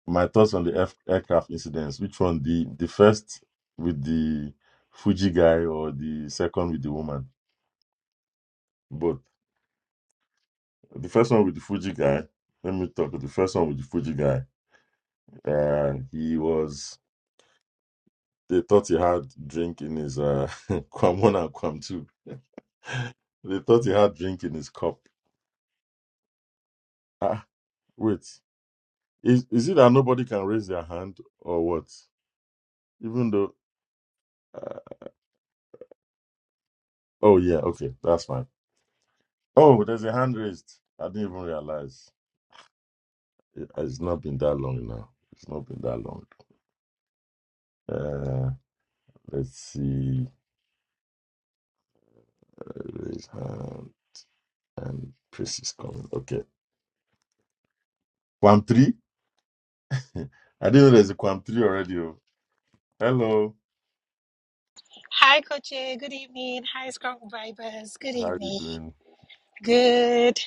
S2: My thoughts on the F- aircraft incidents. Which one? The the first with the Fuji guy or the second with the woman? Both. The first one with the Fuji guy. Let me talk. The first one with the Fuji guy. Uh, he was. They thought he had drink in his uh, Kwam one and Kwam two. They thought he had drink in his cup. Ah, wait. Is is it that nobody can raise their hand or what? Even though. uh, Oh yeah, okay, that's fine. Oh, there's a hand raised. I didn't even realize. It- uh, It's not been that long now. It's not been that long. Uh, let's see. Raise hand and Chris is coming. Okay, Quam three. I didn't know there's a Quam three already. oh. Hello,
S3: Hi, Coach. A. Good evening. Hi, Scrum Vibers. Good
S2: how are you
S3: evening.
S2: doing?
S3: Good.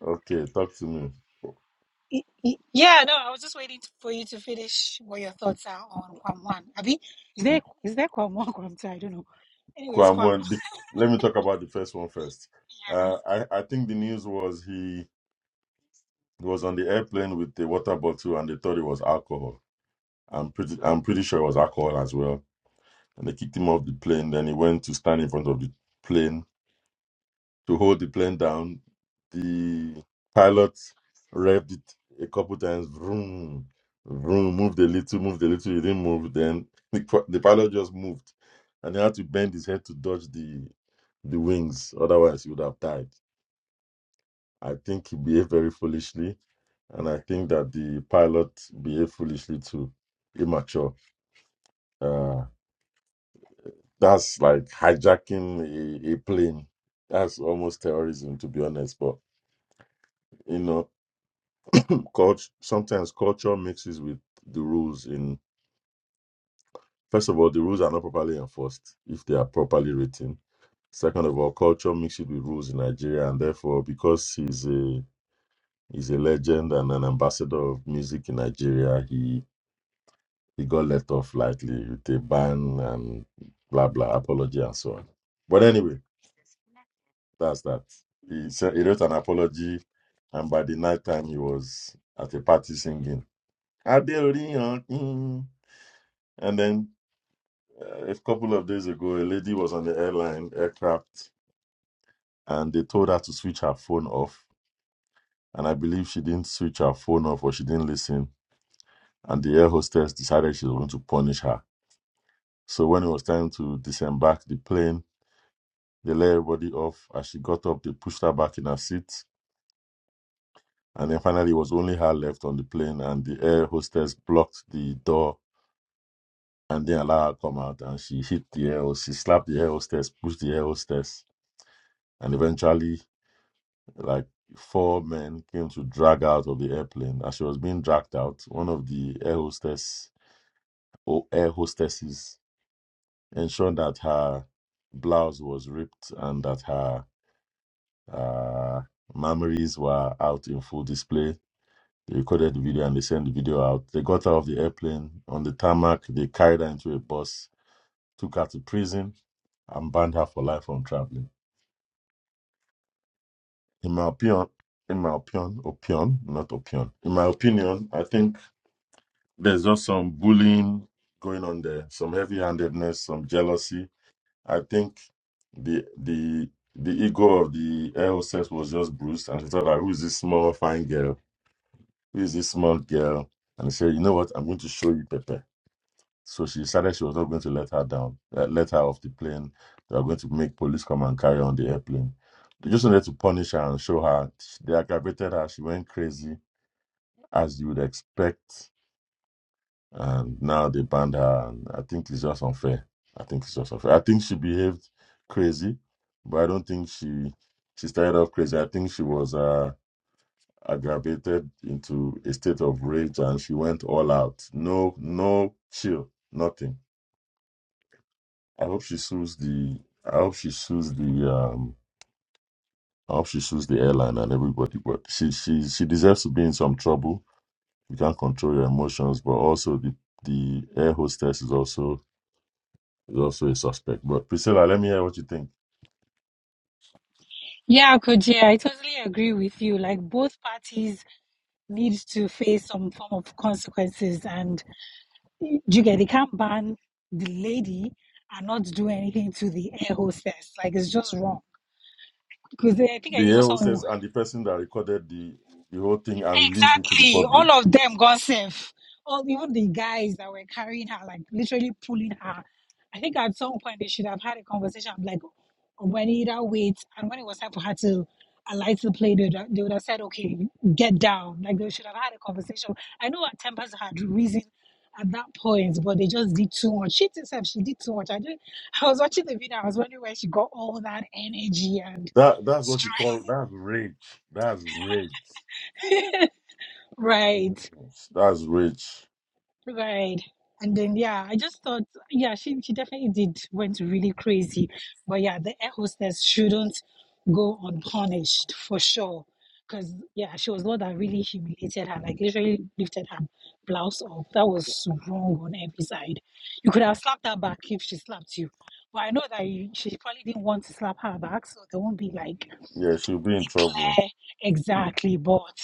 S2: Okay, talk to me.
S3: y- y- Yeah, no, I was just waiting for you to finish what your thoughts are on Kwam One. Abi, is there is there Kwam One, Kwam Two? I don't know. Anyways,
S2: Kwame,
S3: Kwam.
S2: one- the- let me talk about the first one first. Uh, I, I think the news was he was on the airplane with the water bottle and they thought it was alcohol. I'm pretty I'm pretty sure it was alcohol as well. And they kicked him off the plane. Then he went to stand in front of the plane to hold the plane down. The pilot revved it a couple times. Vroom, vroom, moved a little, moved a little. He didn't move. Then the, pi- the pilot just moved, and he had to bend his head to dodge the the wings. Otherwise, he would have died. I think he behaved very foolishly, and I think that the pilot behaved foolishly too, immature. Uh, That's like hijacking a, a plane. That's almost terrorism, to be honest. But you know, culture sometimes culture mixes with the rules. In first of all, the rules are not properly enforced if they are properly written. Second of all, culture mixes with rules in Nigeria, and therefore, because he's a he's a legend and an ambassador of music in Nigeria, he he got let off lightly with a ban and blah blah apology and so on. But anyway. That's that. He said he wrote an apology, and by the night time he was at a party singing "Adeori Okin." And then uh, a couple of days ago, a lady was on the airline aircraft, and they told her to switch her phone off. And I believe she didn't switch her phone off, or she didn't listen. And the air hostess decided she was going to punish her. So when it was time to disembark the plane, they let everybody off. As she got up, they pushed her back in her seat And then finally, it was only her left on the plane, and the air hostess blocked the door and didn't allow her to come out. And she hit the air, host- she slapped the air hostess, pushed the air hostess, and eventually, like four men came to drag her out of the airplane. As she was being dragged out, one of the air hostess or air hostesses ensured that her blouse was ripped and that her uh, memories were out in full display They recorded the video and they sent the video out. They got her off the airplane on the tarmac. They carried her into a bus, took her to prison, and banned her for life from traveling. In my opinion, in my opinion, opinion, not opinion. In my opinion, I think there's just some bullying going on there, some heavy-handedness, some jealousy. I think the the the ego of the air hostess was just bruised, and she thought, like, "Who is this small fine girl? Who is this small girl?" And she said, "You know what? I'm going to show you, Pepe." So she decided she was not going to let her down, uh, let her off the plane. They were going to make police come and carry on the airplane. They just wanted to punish her and show her. They aggravated her. She went crazy, as you would expect. And now they banned her. And I think it's just unfair. I think it's just unfair. I think she behaved crazy, but I don't think she she started off crazy. I think she was uh, aggravated into a state of rage, and she went all out. No, no chill, nothing I hope she sues the. I hope she sues the. Um, I hope she sues the airline and everybody. But she she she deserves to be in some trouble. You can't control your emotions, but also the the air hostess is also is also a suspect. But Priscilla, let me hear what you think.
S3: Yeah, Coach. A, I totally agree with you. Like both parties need to face some form of consequences, and you get they can't ban the lady and not do anything to the air hostess. Like it's just wrong. Because I think I
S2: The
S3: even
S2: air
S3: saw
S2: hostess and the person that recorded the the whole thing and released it to the
S3: Exactly.
S2: public.
S3: All of them got safe. All even the guys that were carrying her, like literally pulling her. I think at some point they should have had a conversation of like when either wait and when it was time for her to alight to the plane, they would, have, they would have said, Okay, get down. Like they should have had a conversation. I know her tempers had reason at that point, but they just did too much. She herself, she did too much. I did I was watching the video, I was wondering where she got all that energy and
S2: That that's what you
S3: strength.
S2: call that's rage. That's rage.
S3: Right.
S2: That's rage.
S3: Right. And then yeah, I just thought yeah, she she definitely did went really crazy. But yeah, the air hostess shouldn't go unpunished for sure. Cause yeah, she was the one that really humiliated her, like literally lifted her blouse off. That was wrong on every side. You could have slapped her back if she slapped you. But I know that you, she probably didn't want to slap her back, so there won't be like
S2: Yeah, she'll be in trouble.
S3: eh, exactly. But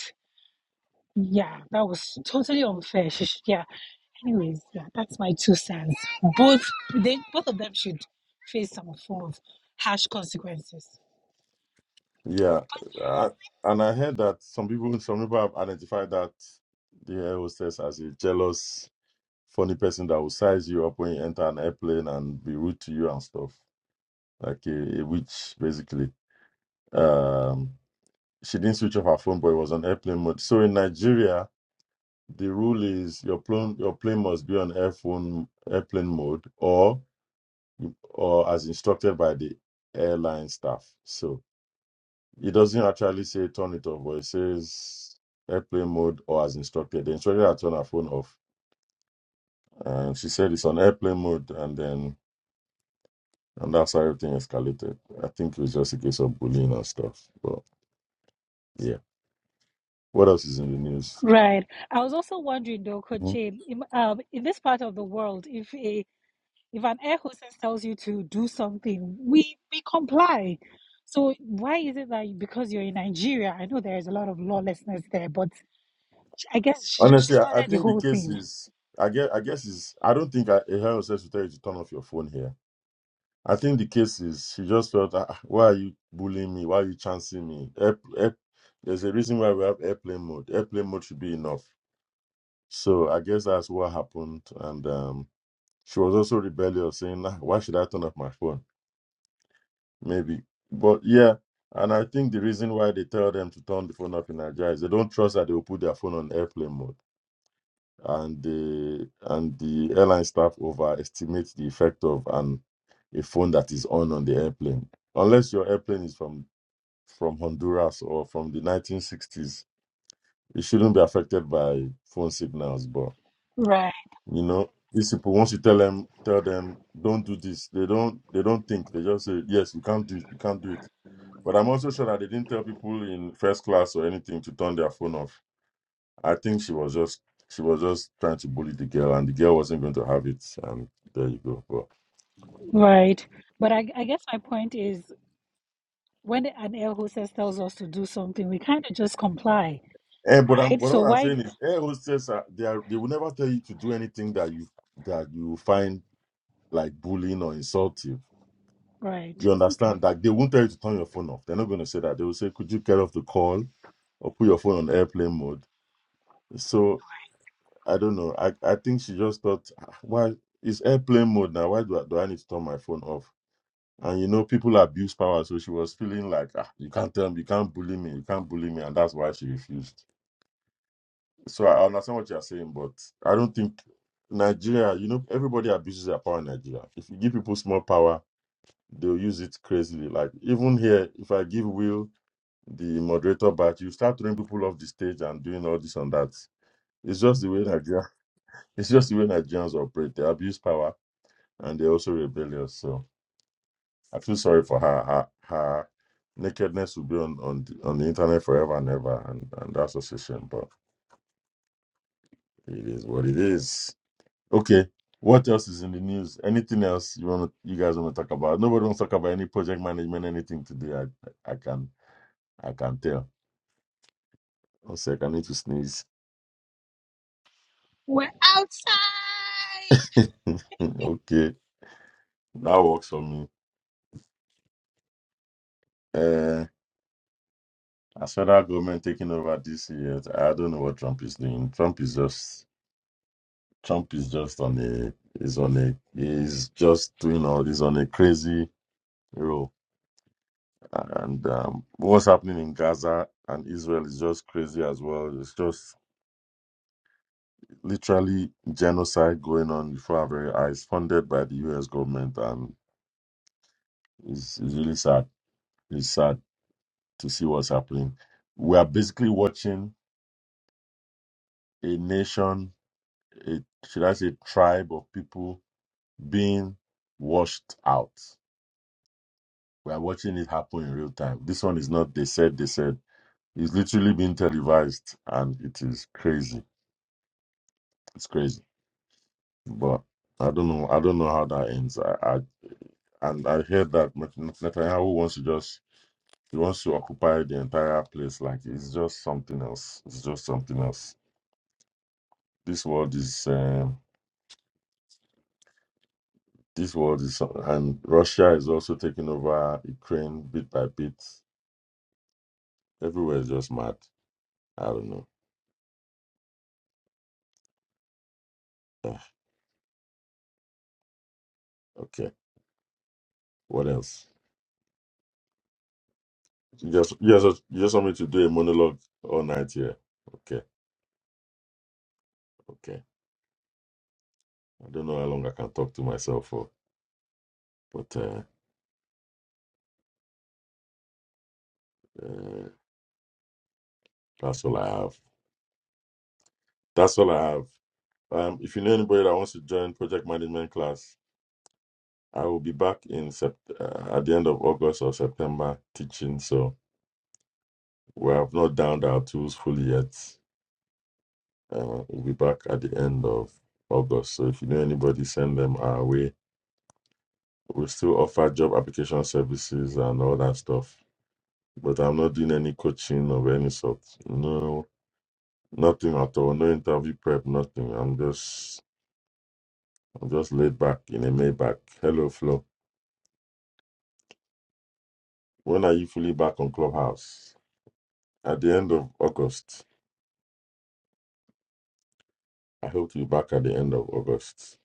S3: yeah, that was totally unfair. She should, yeah. Anyways, yeah, that's my two cents. Both they both of them should face some form of harsh consequences.
S2: Yeah, I, and I heard that some people, some people have identified that the air hostess as a jealous, funny person that will size you up when you enter an airplane and be rude to you and stuff, like a, a witch, basically. Um, she didn't switch off her phone, but it was on airplane mode. So in Nigeria, the rule is your plane, your plane must be on airphone, airplane mode, or or as instructed by the airline staff. So. It doesn't actually say turn it off, but it says airplane mode or as instructed. The instructor had turned her phone off, and she said it's on airplane mode, and then and that's how everything escalated. I think it was just a case of bullying and stuff. But yeah, what else is in the news?
S3: Right. I was also wondering though, Coach
S2: Mhm.
S3: Jane, in, um, in this part of the world, if a if an air hostess tells you to do something, we we comply. So why is it that because you're in Nigeria, I know there is a lot of lawlessness there, but I guess she just she
S2: Honestly, I, I
S3: started the
S2: think the
S3: whole
S2: case
S3: thing.
S2: is. I guess, I guess is I don't think I, a health should tell you to turn off your phone here. I think the case is she just felt, ah, ah, why are you bullying me? Why are you chancing me? Air, air, there's a reason why we have airplane mode. Airplane mode should be enough So I guess that's what happened. And um, she was also rebellious, saying, "Ah, Why should I turn off my phone? Maybe. But yeah, and I think the reason why they tell them to turn the phone off in Nigeria is they don't trust that they will put their phone on airplane mode. And the and the airline staff overestimate the effect of an a phone that is on on the airplane. Unless your airplane is from from Honduras or from the 1960s, it shouldn't be affected by phone signals. But
S3: Right.
S2: You know, these people once you tell them, tell them, don't do this. They don't, they don't think. They just say, yes, you can't do it, you can't do it. But I'm also sure that they didn't tell people in first class or anything to turn their phone off. I think she was just, she was just trying to bully the girl, and the girl wasn't going to have it. And there you go. But,
S3: Right. But I, I guess my point is. when an air hostess tells us to do something, we kind of just comply,
S2: eh, but I'm,
S3: right?
S2: but
S3: So
S2: what I'm
S3: why,
S2: saying is, air hostess, are, they are, they will never tell you to do anything that you that you find like bullying or insultive
S3: right?
S2: You
S3: Okay.
S2: understand? that they won't tell you to turn your phone off. They're not going to say that. They will say, "Could you get off the call, or put your phone on airplane mode?" So I don't know. I I think she just thought, "Ah, "Why it's airplane mode now? Why do I, do I need to turn my phone off?" And you know, people abuse power, so she was feeling like, ah, "You can't tell me, you can't bully me, you can't bully me," and that's why she refused. So I understand what you're saying, but I don't think Nigeria. You know, everybody abuses their power in Nigeria. If you give people small power, they'll use it crazily. Like even here, if I give Will the moderator batch, you start throwing people off the stage and doing all this and that. It's just the way Nigeria. It's just the way Nigerians operate. They abuse power and they're also rebellious. So I feel sorry for her. Her, her nakedness will be on on the, on the internet forever and ever, and, and that's a shame. But it is what it is. Okay. What else is in the news? Anything else you want? You guys want to talk about? Nobody wants to talk about any project management, anything today. I I can I can tell. One sec, I need to sneeze.
S3: We're outside.
S2: okay. That works for me. Uh, as for that government taking over this year, I don't know what Trump is doing. Trump is just Trump is just on a is on a he's just doing all this on a crazy roll. And um, what's happening in Gaza and Israel is just crazy as well. It's just literally genocide going on before our very eyes, funded by the U.S. government, and it's, it's really sad. It's sad to see what's happening. We are basically watching a nation a should I say tribe of people being washed out. We are watching it happen in real time. This one is not they said they said. It's literally being televised and it is crazy. It's crazy. But I don't know. I don't know how that ends. I, I and I heard that Net- Net- Netanyahu wants to just he wants to occupy the entire place. Like it's just something else. It's just something else. This world is um, this world is and Russia is also taking over Ukraine bit by bit Everywhere is just mad. I don't know. Ah, okay. What else? You just you just you just want me to do a monologue all night here. Okay. Okay. I don't know how long I can talk to myself for, but uh, uh, that's all I have. That's all I have. Um, if you know anybody that wants to join project management class, I will be back in sept- uh, at the end of August or September teaching. So we have not downed our tools fully yet. Uh, we'll be back at the end of August. So if you know anybody, send them our way We still offer job application services and all that stuff. But I'm not doing any coaching of any sort. No, nothing at all. No interview prep, nothing. I'm just I'm just laid back in a Maybach. Hello, Flo. When are you fully back on Clubhouse? At the end of August. I hope to be back at the end of August.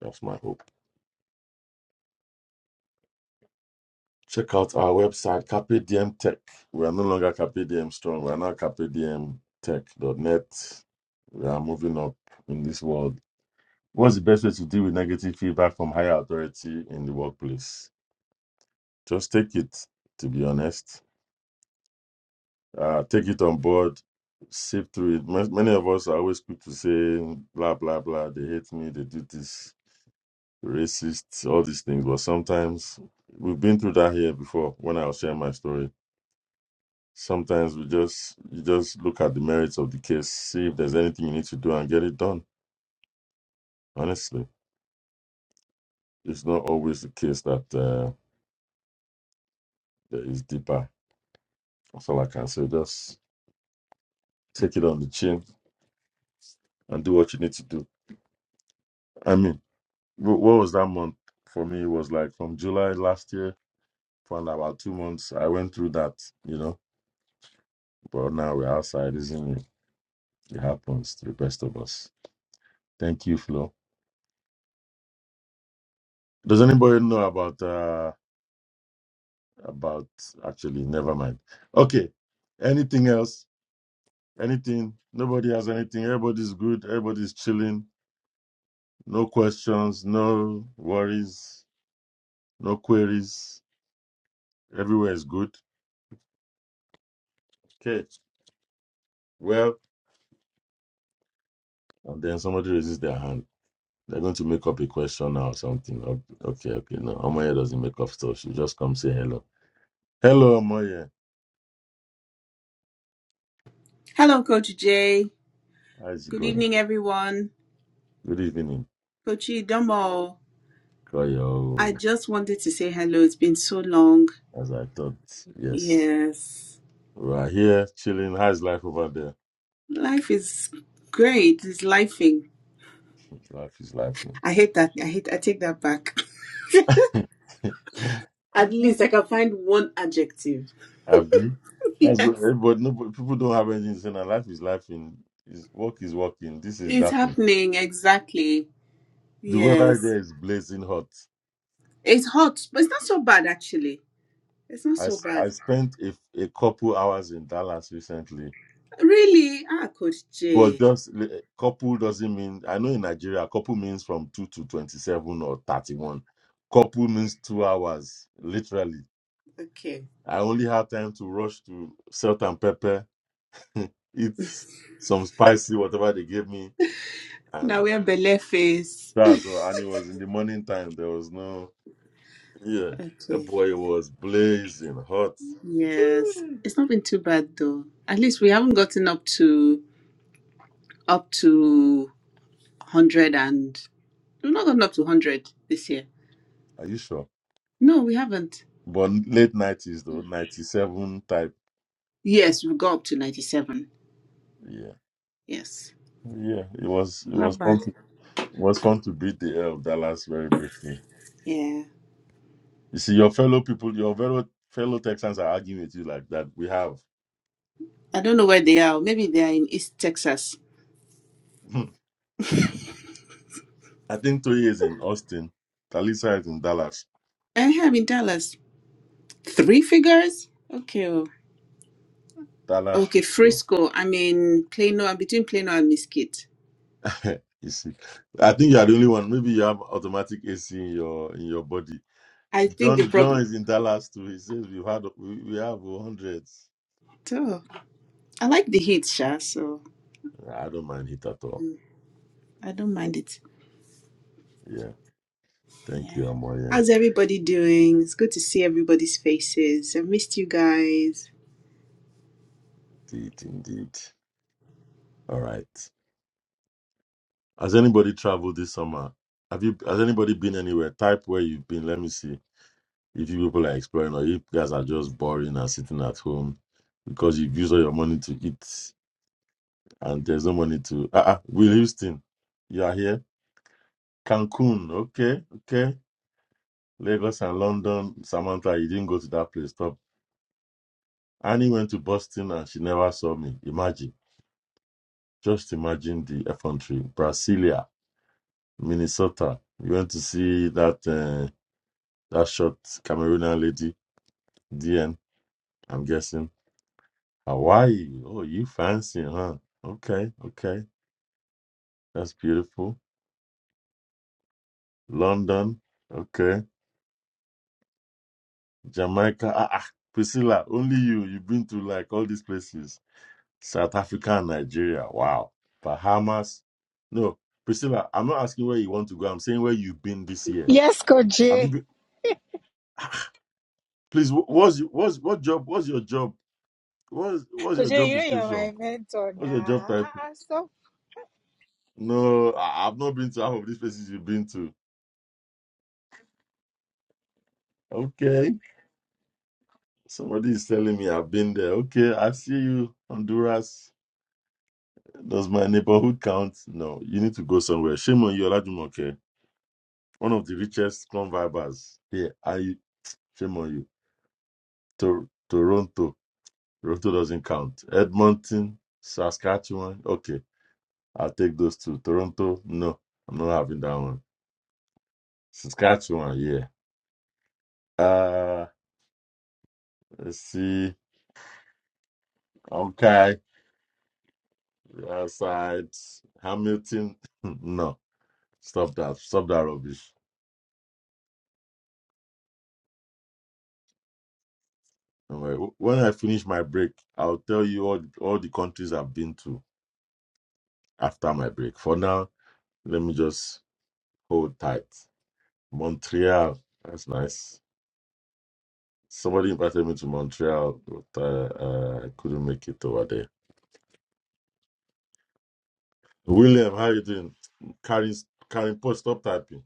S2: That's my hope. Check out our website, Carpe Diem Tech. We are no longer Carpe Diem Strong. We are now Carpe Diem Tech dot net. We are moving up in this world What's the best way to deal with negative feedback from higher authority in the workplace? Just take it, to be honest. Uh, take it on board, sift through it. Ma- Many of us are always quick to say, blah, blah, blah, they hate me, they do this, racist, all these things. But sometimes we've been through that here before when I was sharing my story. Sometimes we just you just look at the merits of the case, see if there's anything you need to do and get it done. Honestly, it's not always the case that uh, there is deeper. That's all I can say. Just take it on the chin and do what you need to do. I mean, wh- what was that month for me? It was like from July last year for about two months. I went through that, you know. But now we're outside, isn't it? It happens to the best of us. Thank you, Flo. Does anybody know about uh about actually? Never mind. Okay. Anything else? Anything? Nobody has anything. Everybody's good. Everybody's chilling. No questions. No worries. No queries. Everywhere is good. Okay. Well, and then somebody raises their hand. They're going to make up a question or something. O- Okay, okay. No, Omoye doesn't make up stuff. She just come say hello. Hello, Omoye.
S4: Hello, Coach Jay.
S2: How's it
S4: Good
S2: going?
S4: evening, everyone.
S2: Good evening.
S4: Coach Domo, I
S2: Koyo,
S4: just wanted to say hello. It's been so long.
S2: as I thought. Yes.
S4: Yes,
S2: We are here chilling. How's life over there?
S4: life is great. It's lifing.
S2: Life is life.
S4: I hate that. I hate. I take that back. At least I can find one adjective.
S2: Abby. That's what,
S4: yes,
S2: eh, but no, but people don't have anything to say. now. Life is life. In is work is working. This is
S4: it's
S2: that.
S4: happening exactly.
S2: The weather
S4: Yes,
S2: there is blazing hot.
S4: it's hot, but it's not so bad actually. It's not
S2: I,
S4: so
S2: s- I
S4: bad.
S2: spent a, a couple hours in Dallas recently,
S4: Really? Ah, Coach
S2: but
S4: Jay.
S2: just li- couple doesn't mean I know in Nigeria couple means from two to twenty seven or thirty one. Couple means two hours literally.
S4: Okay.
S2: I only had time to rush to salt and pepper, eat some spicy whatever they gave me,
S4: Now
S2: and
S4: we have Bele face.
S2: that's all. And it was in the morning time. There was no yeah, Eh,
S4: Okay.
S2: boy, was blazing hot.
S4: Yes, it's not been too bad though. At least we haven't gotten up to up to hundred and we've not gotten up to hundred this year.
S2: Are you sure?
S4: No, we haven't.
S2: but late nineties though, ninety seven type.
S4: Yes, we got up to ninety-seven.
S2: Yeah,
S4: Yes,
S2: yeah. It was it was
S4: not bad.
S2: fun. To, it was fun to beat the hell of Dallas very briefly.
S4: Yeah,
S2: You see, your fellow people, your fellow fellow Texans are arguing with you like that. We have,
S4: I don't know where they are. Maybe they are in East Texas.
S2: I think, Toye is in Austin, Talisa is in Dallas,
S4: I am in Dallas. Three figures. Okay. oh.
S2: Dallas
S4: Okay,
S2: Frisco.
S4: Frisco. I'm in Plano. I'm between Plano and Mesquite.
S2: you see, I think you are the only one. Maybe you have automatic AC in your in your body.
S4: I think the
S2: John John
S4: problem.
S2: is in Dallas too. He says we've had we, we have hundreds.
S4: Oh, I like the heat, Sha. So
S2: I don't mind it at all.
S4: mm, I don't mind it.
S2: Yeah. Thank
S4: Yeah.
S2: you, Amoye.
S4: How's everybody doing? It's good to see everybody's faces. I missed you guys.
S2: Indeed, indeed. All right. Has anybody traveled this summer? Have you? Has anybody been anywhere? Type where you've been. Let me see if you people are exploring or if you guys are just boring and sitting at home because you've used all your money to eat and there's no money to. Ah, uh Will Houston, you are here. Cancun, okay, okay. Lagos and London. Samantha, you didn't go to that place. Stop. Annie went to Boston and she never saw me. Imagine. Just imagine the effrontery. Brasilia. Minnesota. You went to see that uh, that short Cameroonian lady, DN, I'm guessing. Hawaii. Oh, you fancy, huh? Okay, okay. That's beautiful. London. Okay. Jamaica. Ah, ah. Priscilla, only you. You've been to like all these places. South Africa and Nigeria. Wow. Bahamas. No, Priscilla, I'm not asking where you want to go. I'm saying where you've been this year.
S3: Yes,
S2: Have you
S3: Koje.
S2: been? Please, wh- what's, your- what's, what job? What's your job? What's, what's your
S3: Koje,
S2: job
S3: you know you're
S2: description?
S3: my mentor
S2: What's your job
S3: now.
S2: type?
S3: Ah, ah, Stop.
S2: No, I- I've not been to half of these places you've been to. Okay. Somebody is telling me I've been there. Okay, I see you, Honduras. Does my neighborhood count? No, you need to go somewhere. Shame on you, Olajumoke. One of the richest convivers here. Are you? Shame on you. Tor- Toronto. Toronto doesn't count. Edmonton, Saskatchewan. Okay, I'll take those two. Toronto, no, I'm not having that one. Saskatchewan, yeah. Uh, let's see. Okay. Aside Hamilton, no, stop that, stop that rubbish. Anyway, wh- when I finish my break, I'll tell you all all the countries I've been to after my break. For now, let me just hold tight. Montreal, that's nice. Somebody invited me to Montreal, but uh, uh, I couldn't make it over there. William, how you doing? Karen, Karen, Post, stop typing.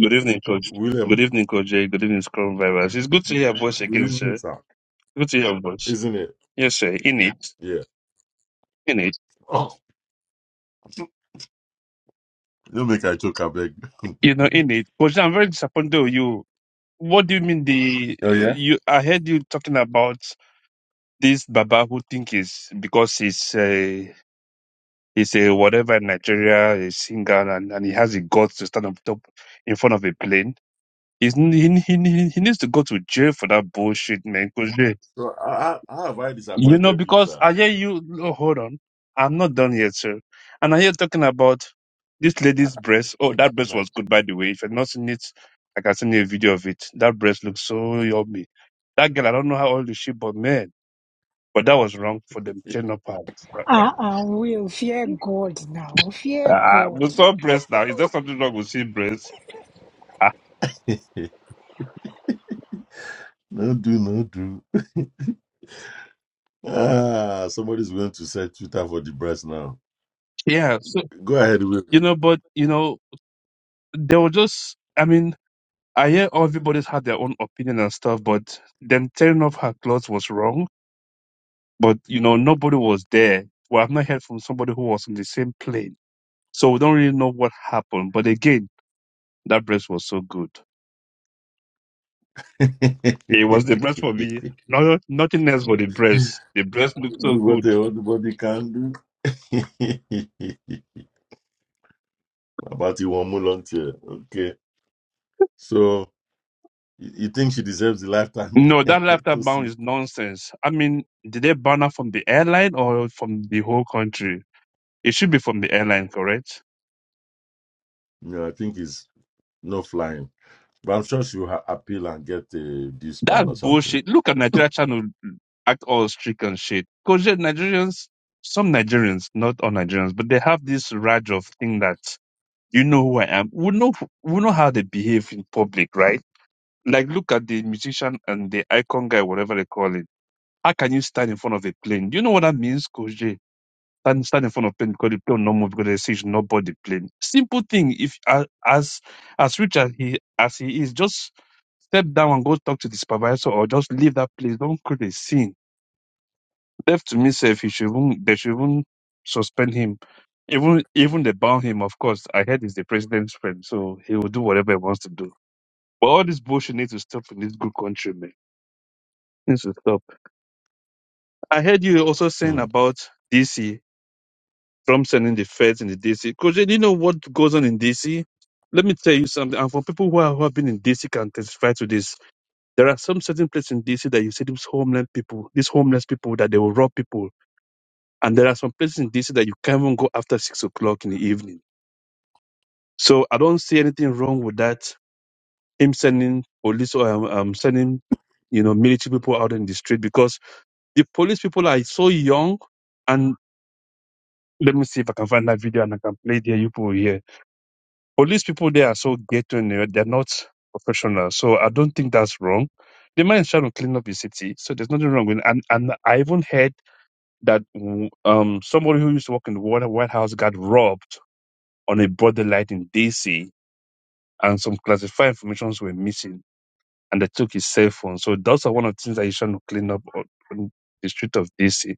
S5: Good evening, Coach.
S2: William,
S5: Good evening, Coach. Jay. Good evening, Scrum Vibers. It's good to hear your voice
S2: good
S5: again,
S2: evening,
S5: sir.
S2: sir.
S5: Good to hear your voice.
S2: Isn't it?
S5: Yes, sir. In it.
S2: Yeah.
S5: In it.
S2: Oh, don't make I joke, I beg.
S5: You know, in it. Coach, I'm very disappointed with you. What do you mean the uh, you I heard you talking about this Baba who think is because he's a he's a whatever in Nigeria, a singer and, and he has the guts to stand up top in front of a plane. He's, he, he, he needs to go to jail for that bullshit, man. Coach. Jay.
S2: So how, how have I
S5: You know,
S2: disappointed you,
S5: because
S2: sir?
S5: I hear you, oh, hold on, I'm not done yet, sir. And I hear talking about this lady's breast. Oh, that breast
S2: And I,
S5: was good, by the way. If you've not seen it, I can send you a video of it. That breast looks so yummy. That girl, I don't know how old is she, but man, but that was wrong for them tearing up her.
S3: Ah, uh, uh, will fear God now. Fear
S5: Uh,
S3: God.
S5: we saw breast now. Is there something wrong with seeing breast? Ah,
S2: no do, no do. Ah, somebody's going to set Twitter for the breast now.
S5: yeah. So,
S2: Go ahead with
S5: you know, but, you know, they were just, I mean, I hear everybody's had their own opinion and stuff, but them tearing off her clothes was wrong but you know nobody was there. Well, I've not heard from somebody who was on the same plane, so we don't really know what happened. But again, that breast was so good.
S2: do
S5: It was the breast for me. No, nothing else but the breast. The breast looked so
S2: what
S5: good.
S2: the old body can do. About you one more volunteer. Okay. So you you think she deserves the lifetime
S5: No, that
S2: ban?
S5: laughter
S2: to
S5: ban
S2: see?
S5: is nonsense. I mean, did they ban her from the airline or from the whole country? It should be from the airline, correct?
S2: No, I think it's no flying. But I'm sure she will ha- appeal and get a disband
S5: That's
S2: or something.
S5: bullshit. Look at Nigeria trying to act all strict and shit. Because Nigerians, some Nigerians, not all Nigerians, but they have this rage of thing that You know who I am. We know we know how they behave in public, right? Like look at the musician and the icon guy, whatever they call it. How can you stand in front of a plane? Do you know what that means, Coach J? Stand, stand in front of plane because the plane will not move because they say you should not board the plane. Simple thing. If a- as as rich as he as he is, just step down and go talk to the supervisor or just leave that place. Don't create a scene Left to me safe, he should even, they should even suspend him. Even even they ban him, of course. I heard he's the president's friend, so he will do whatever he wants to do. But all this bullshit needs to stop in this good country, man. Needs to stop. I heard you also saying
S2: Hmm.
S5: about DC, Trump sending the feds in the DC. Because you know what goes on in DC? Let me tell you something. And for people who, are, who have been in DC can testify to this. There are some certain places in DC that you see these homeless people, these homeless people that they will rob people And there are some places in DC that you can't even go after six o'clock in the evening. So I don't see anything wrong with that. Him sending police or um, um, sending, you know, military people out in the street because the police people are so young. And let me see if I can find that video and I can play the you people here. Police people, they are so ghetto and they're they're not professional. So I don't think that's wrong. The man is trying to clean up the city. So there's nothing wrong with it. And, and I even heard that mm, um, somebody who used to work in the White White House got robbed on a broader light in DC, and some classified informations were missing, and they took his cell phone. So those are one of the things that he's trying to clean up on, on the street of DC.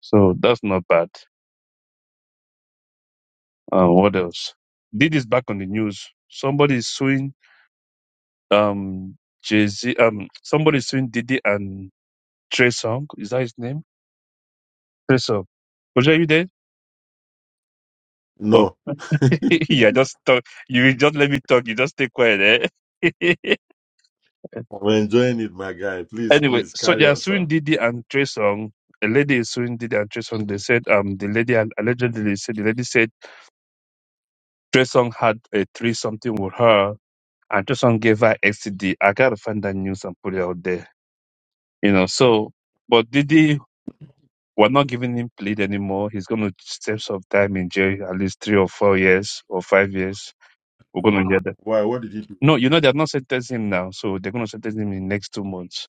S5: So that's not bad. Uh, what else? Did is back on the news. Somebody is suing um Jay Z. Um, somebody is suing Diddy and Trey Song. Is that his name? Trey Song. Koji, are you there? Oh,
S2: No,
S5: yeah. Just talk. You just let me talk. You just stay quiet, eh?
S2: I'm enjoying it, my guy. Please,
S5: Anyway,
S2: please
S5: so they
S2: carry
S5: are
S2: on,
S5: suing
S2: sir.
S5: Didi and Trey Songz. A lady is suing Didi and Trey Songz. They said um the lady and allegedly said the lady said Trey Songz had a three something with her and Trey Songz gave her STD. gotta find that news and put it out there. You know, so but Didi we're not giving him plead anymore. He's gonna serve some time in jail, at least three or four years or five years. We're gonna hear that.
S2: Why? What did he do?
S5: No, you know they have not sentenced him now, so they're gonna sentence him in next two months.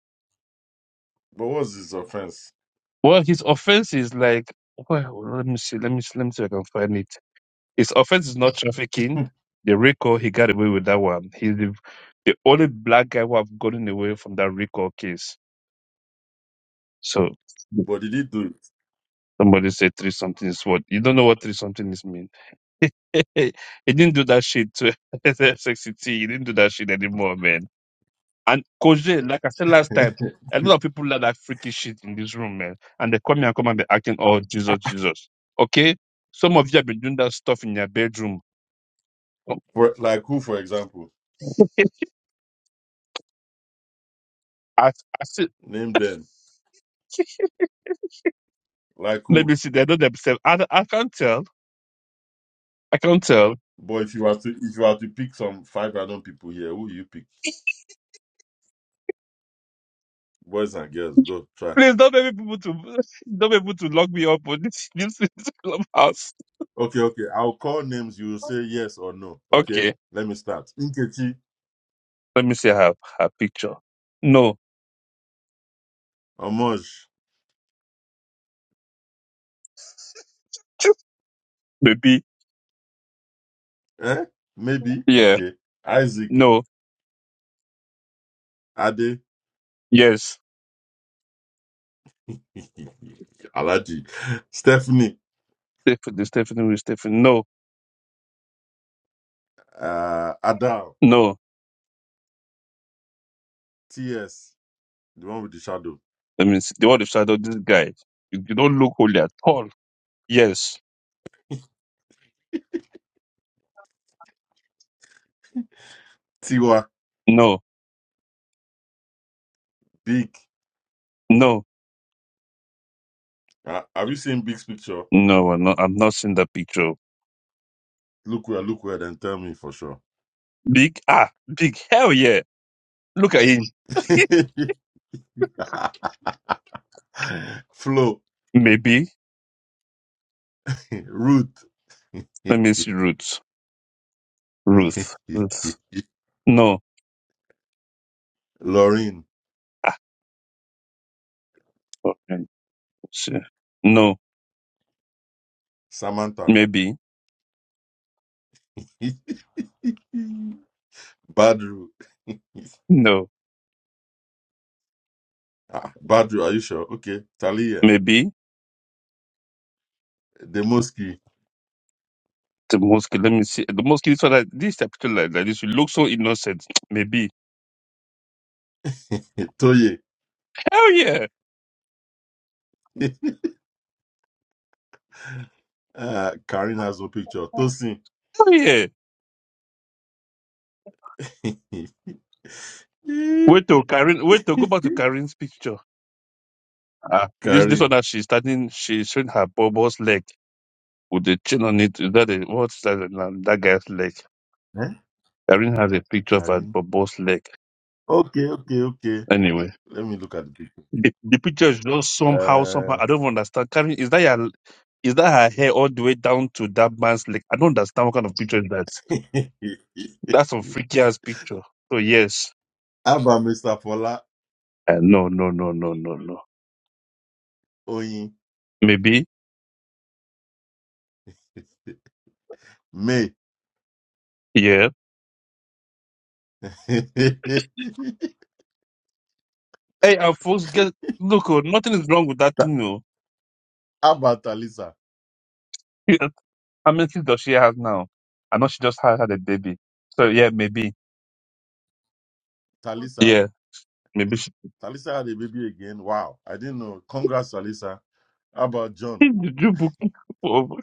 S2: But what's his offense?
S5: Well, his offense is like, well, let me see, let me see, let me see if I can find it. His offense is not trafficking. The RICO, he got away with that one. He's the, the only black guy who have gotten away from that RICO case. So
S2: But did he do?
S5: somebody said three something is what you don't know what three something is mean. he didn't do that shit to sexy T, He didn't do that shit anymore, man. And Coach Jay, like I said last
S2: it?
S5: time, a lot of people like that freaky shit in this room, man. And they come here and come and be acting, oh, Jesus, Jesus. Okay? Some of you have been doing that stuff in your bedroom. Oh,
S2: for, like who, for example?
S5: I, I see,
S2: Name them. Like
S5: let
S2: who?
S5: me see, they know themselves. I, I can't tell. I can't tell.
S2: But if you have to, if you have to pick some five random people here, who you pick? Boys and girls, go try.
S5: Please don't make people to don't make people to lock me up on this this, this clubhouse.
S2: Okay, okay. I'll call names. You will say yes or no. Okay.
S5: Okay,
S2: Let me start. Inkechi,
S5: let me see her her picture. No,
S2: Amoj.
S5: baby.
S2: Eh? Maybe.
S5: Yeah.
S2: Okay. Isaac,
S5: No.
S2: Ade,
S5: Yes.
S2: Alaji, Stephanie,
S5: Stephanie. Stephanie. Stephanie. No.
S2: uh, Adal,
S5: No.
S2: TS, the one with the shadow,
S5: That means the word of shadow, this guy, you, you don't look holy at all. Yes.
S2: Tiwa,
S5: No.
S2: Big.
S5: No.
S2: Uh, have you seen Big's picture?
S5: No, I'm not, I'm not seeing that picture.
S2: Look where, look where, then tell me for sure.
S5: Big, ah, big, hell yeah. Look at him.
S2: Flo,
S5: Maybe.
S2: Ruth,
S5: Let me see Ruth. Ruth. Ruth. No.
S2: Lorraine,
S5: Ah, okay. Let's see. No.
S2: Samantha,
S5: Maybe.
S2: Badru.
S5: No.
S2: Ah, Badru, are you sure? Okay. Talia,
S5: Maybe.
S2: Demoski,
S5: The mosque. Let me see. The mosque is for that. This picture like, like this. You look so innocent. Maybe.
S2: Toye.
S5: Hell yeah.
S2: Uh, Karina has no picture. Tosin.
S5: Hell yeah. Wait to Karen. Wait to go back to Karen's picture. Ah, this this one
S2: Karin.
S5: that she's starting, she's showing her bobo's leg with the chain on it. Is that a, what's that, um, that guy's leg?
S2: Eh?
S5: Irene has a picture of her
S2: Karin.
S5: bobo's leg.
S2: Okay, okay, okay.
S5: Anyway,
S2: Let me look at the picture.
S5: the, the picture is just
S2: Uh,
S5: somehow, somehow. I don't understand. Karen, is that your, is that her hair all the way down to that man's leg? I don't understand what kind of picture is that. That's some freaky ass picture. So yes,
S2: how about Mr. Fola
S5: uh, no, no, no, no, no, no.
S2: Oyin?
S5: Maybe
S2: May.
S5: yeah. Hey, and folks, get look, oh, nothing is wrong with that
S2: Ta-
S5: thing, no.
S2: how about Talisa?
S5: How many kids does she have now? I know she just had, had a baby. So yeah, maybe.
S2: Talisa?
S5: Yeah, maybe she
S2: Talisa had a baby again. Wow. I didn't know. Congrats, Talisa. How about John?
S5: did you book over?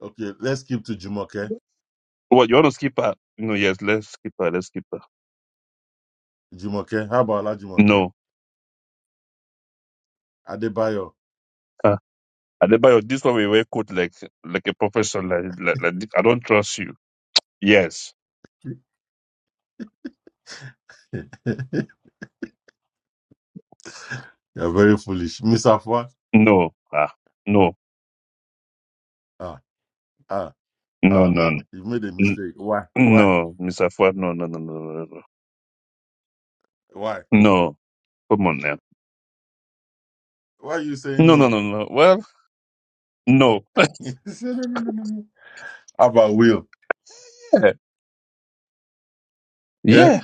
S2: Okay, let's skip to Jumoke.
S5: what you want to skip her? No, yes, let's skip her, let's skip her.
S2: Jumoke. How about Ola Jumoke?
S5: No.
S2: Adebayo.
S5: Uh, Adebayo, this one we wear coat like like a professor like, like, like this. I don't trust you. Yes.
S2: You're very foolish. Miss Afua,
S5: No. Ah. No.
S2: ah, ah,
S5: No,
S2: ah,
S5: no, no.
S2: you made a
S5: N-
S2: mistake. Why? Why?
S5: No, Mr. Fuad, no, no, no, no, no, no.
S2: Why?
S5: No. Come on now.
S2: Why are you saying
S5: No, no,
S2: no?
S5: no, no. Well, no.
S2: He said, no, no, no, no, no. How about Will?
S5: Yeah.
S2: Eh?
S5: yeah.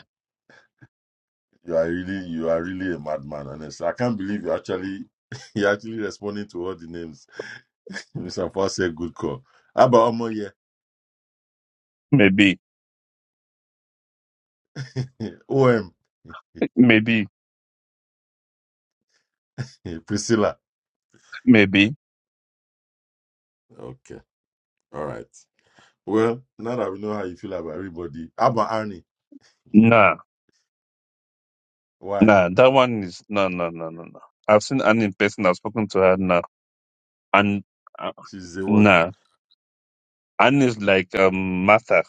S2: You are really, you are really a madman, honestly. I can't believe you actually, you're actually responding to all the names. Miss Afua said, good call. How about Omoye?
S5: Maybe.
S2: OM,
S5: Maybe.
S2: Priscilla.
S5: Maybe.
S2: Okay. All right. Well, now that we know how you feel about everybody, how about Annie?
S5: Nah.
S2: Why?
S5: Nah, that one is no, no, no, no, no. I've seen Annie in person. I've spoken to her now, and uh,
S2: She's the one.
S5: nah, Annie is like um Martha.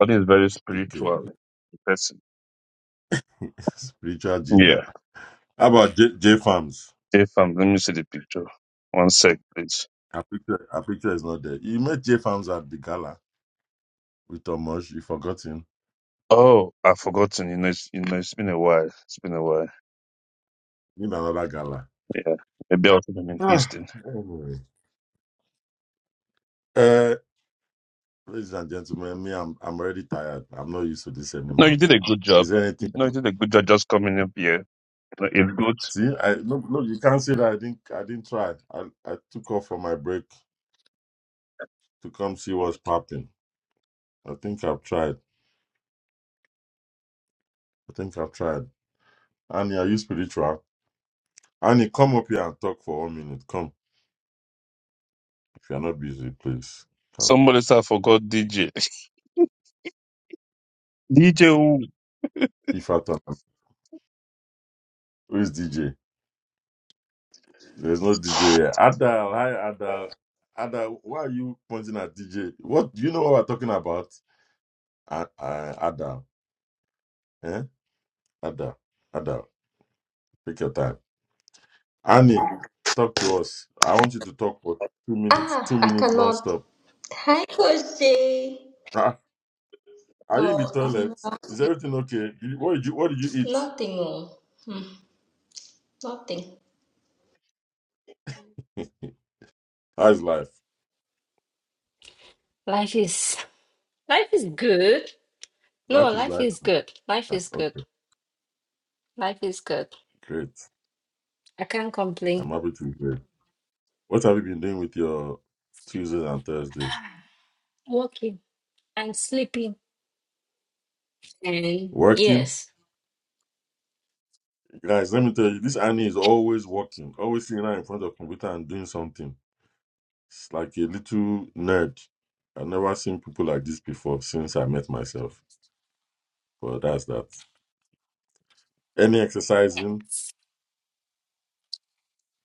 S5: Annie is very
S2: Okay.
S5: spiritual in person.
S2: Spiritual ginger.
S5: Yeah.
S2: How about J, J Farms?
S5: If um, let me see the picture. One sec, please.
S2: Her picture, her picture is not there. You met J Farms at the gala with Tomosh. You forgot him
S5: Oh, I've forgotten. You know, it's, you know, it's been a while. It's been a while.
S2: in another gala.
S5: Yeah. Maybe I'll see them in
S2: Ah,
S5: Houston.
S2: anyway. Uh, ladies and gentlemen, me, I'm I'm already tired. I'm not used to this
S5: No, you
S2: anymore.
S5: did a good job.
S2: Is there anything
S5: No, you
S2: else?
S5: did a good job just coming up here. No, It's
S2: See, I no, no, you can't say that I didn't I didn't try. I, I took off for my break to come see
S5: good.
S2: what's popping. I think I've tried. I think I've tried. Annie, are you spiritual? Annie, come up here and talk for one minute. Come. If you're not busy, please come.
S5: Somebody said I forgot DJ. DJ
S2: If I thought, who is DJ? There's no DJ here. Adal, hi Adal. Adal, why are you pointing at DJ? What do you know what we're talking about? Uh, uh, Adal, eh? Adal, Adal, take your time. Annie, talk to us. I want you to talk for two minutes, two
S6: Ah, I
S2: minutes
S6: cannot.
S2: nonstop.
S6: Hi, Coach Jay.
S2: Ah, Are you in
S6: No,
S2: the
S6: I'm
S2: toilet?
S6: not.
S2: Is everything okay? You- What did you What did you eat?
S6: Nothing. oh. Hmm, nothing.
S2: How's life?
S6: Life is life is good. No,
S2: Life is
S6: life
S2: like
S6: is good. Life
S2: ah,
S6: is good.
S2: okay,
S6: Life is good.
S2: great.
S6: I can't complain.
S2: I'm happy to be here. What have you been doing with your Tuesdays and Thursdays?
S6: Working and sleeping. And
S2: Working?
S6: yes.
S2: Guys, let me tell you, this Annie is always working, always sitting out in front of computer and doing something. It's like a little nerd. I've never seen people like this before since I met myself. But that's that. Any exercising?
S6: Yes.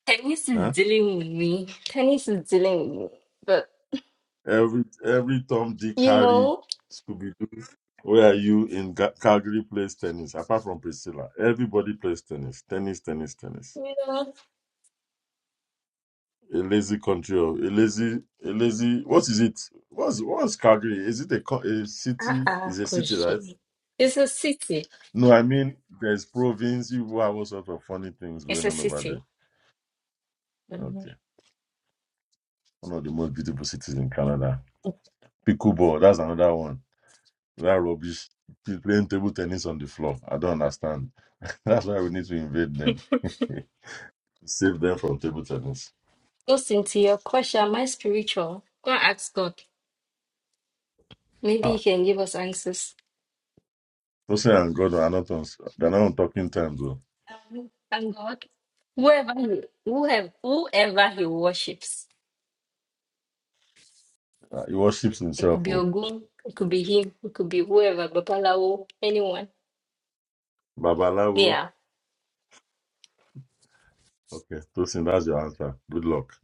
S6: Tennis is
S2: Huh?
S6: dealing with me. Tennis is dealing with me. But
S2: Every every Tom, Dick,
S6: you
S2: Harry,
S6: know,
S2: Scooby Doo. Where are you in Ga- Calgary plays tennis? Apart from Priscilla, everybody plays tennis. Tennis, tennis, tennis.
S6: you know,
S2: A lazy country of a lazy a lazy what is it? What's what's Calgary? Is it a, co- a
S6: Ah,
S2: city?
S6: uh-uh,
S2: Is a city, right?
S6: Koji. It's a city.
S2: No, I mean there's province. You have all sorts of funny things
S6: It's
S2: going
S6: a
S2: on over
S6: city.
S2: there.
S6: Mm-hmm.
S2: Okay, one of the most beautiful cities in Canada. Pickleball, that's another one. That rubbish. People playing table tennis on the floor. I don't understand. That's why we need to invade them, save them from table tennis.
S6: So, Cynthia, your question, am I spiritual? Go and ask God. Maybe He
S2: Ah,
S6: can give us answers.
S2: Jose and God are not on. They're not on talking time though.
S6: Um, thank God. Whoever he, whoever, whoever he worships,
S2: Ah, He worships
S6: it
S2: himself.
S6: could be
S2: Oh.
S6: Ogun, it could be him, it could be whoever, Babalawo, anyone.
S2: Babalawo.
S6: Yeah.
S2: Okay, Tosin, that's your answer. Good luck.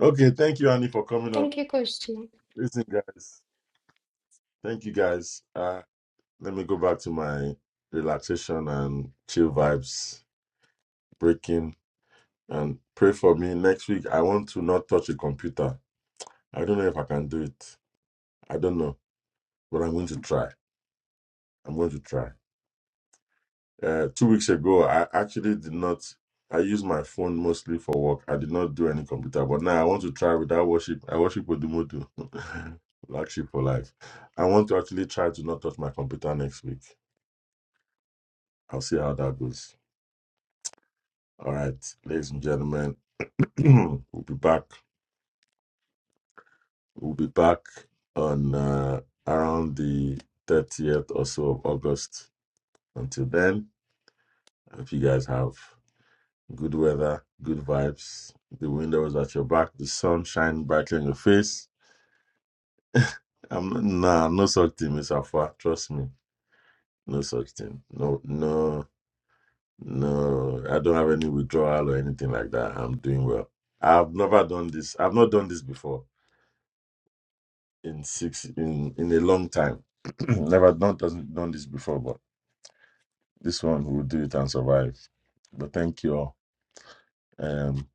S2: Okay, thank you, Annie, for coming up.
S6: Thank you, Coach
S2: Listen, guys, thank you, guys. Uh, let me go back to my relaxation and chill vibes breaking and pray for me next week. I want to not touch a computer. I don't know if I can do it. I don't know, but I'm going to try. I'm going to try. uh, two weeks ago, I actually did not. I use my phone mostly for work. I did not do any computer, but now I want to try without worship. I worship Odumodu, black sheep for life. I want to actually try to not touch my computer next week. I'll see how that goes. All right, ladies and gentlemen, we'll be back. We'll be back on uh, around the 30th or so of August. Until then, I hope you guys have Good weather, good vibes. The window was at your back, the sun shining brightly in your face. I'm nah, no such thing, Miss Afua. Trust me, no such thing. No, no, no. I don't have any withdrawal or anything like that. I'm doing well. I've never done this. I've not done this before in six in in a long time. never done doesn't done this before, but this one will do it and survive. But thank you all. Um,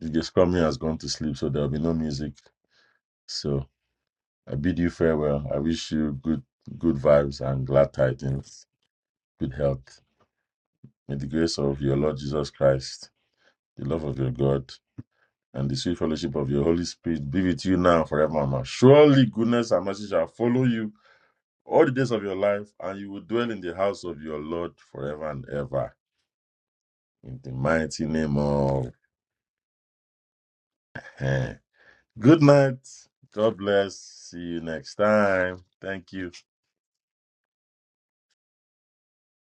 S2: Discovery has gone to sleep, so there'll be no music. So. I bid you farewell. I wish you good good vibes and glad tidings, good health. May the grace of your Lord Jesus Christ, the love of your God, and the sweet fellowship of your Holy Spirit be with you now and forevermore. Surely goodness and mercy shall follow you all the days of your life, and you will dwell in the house of your Lord forever and ever. In the mighty name of Good night. God bless. See you next time. Thank you.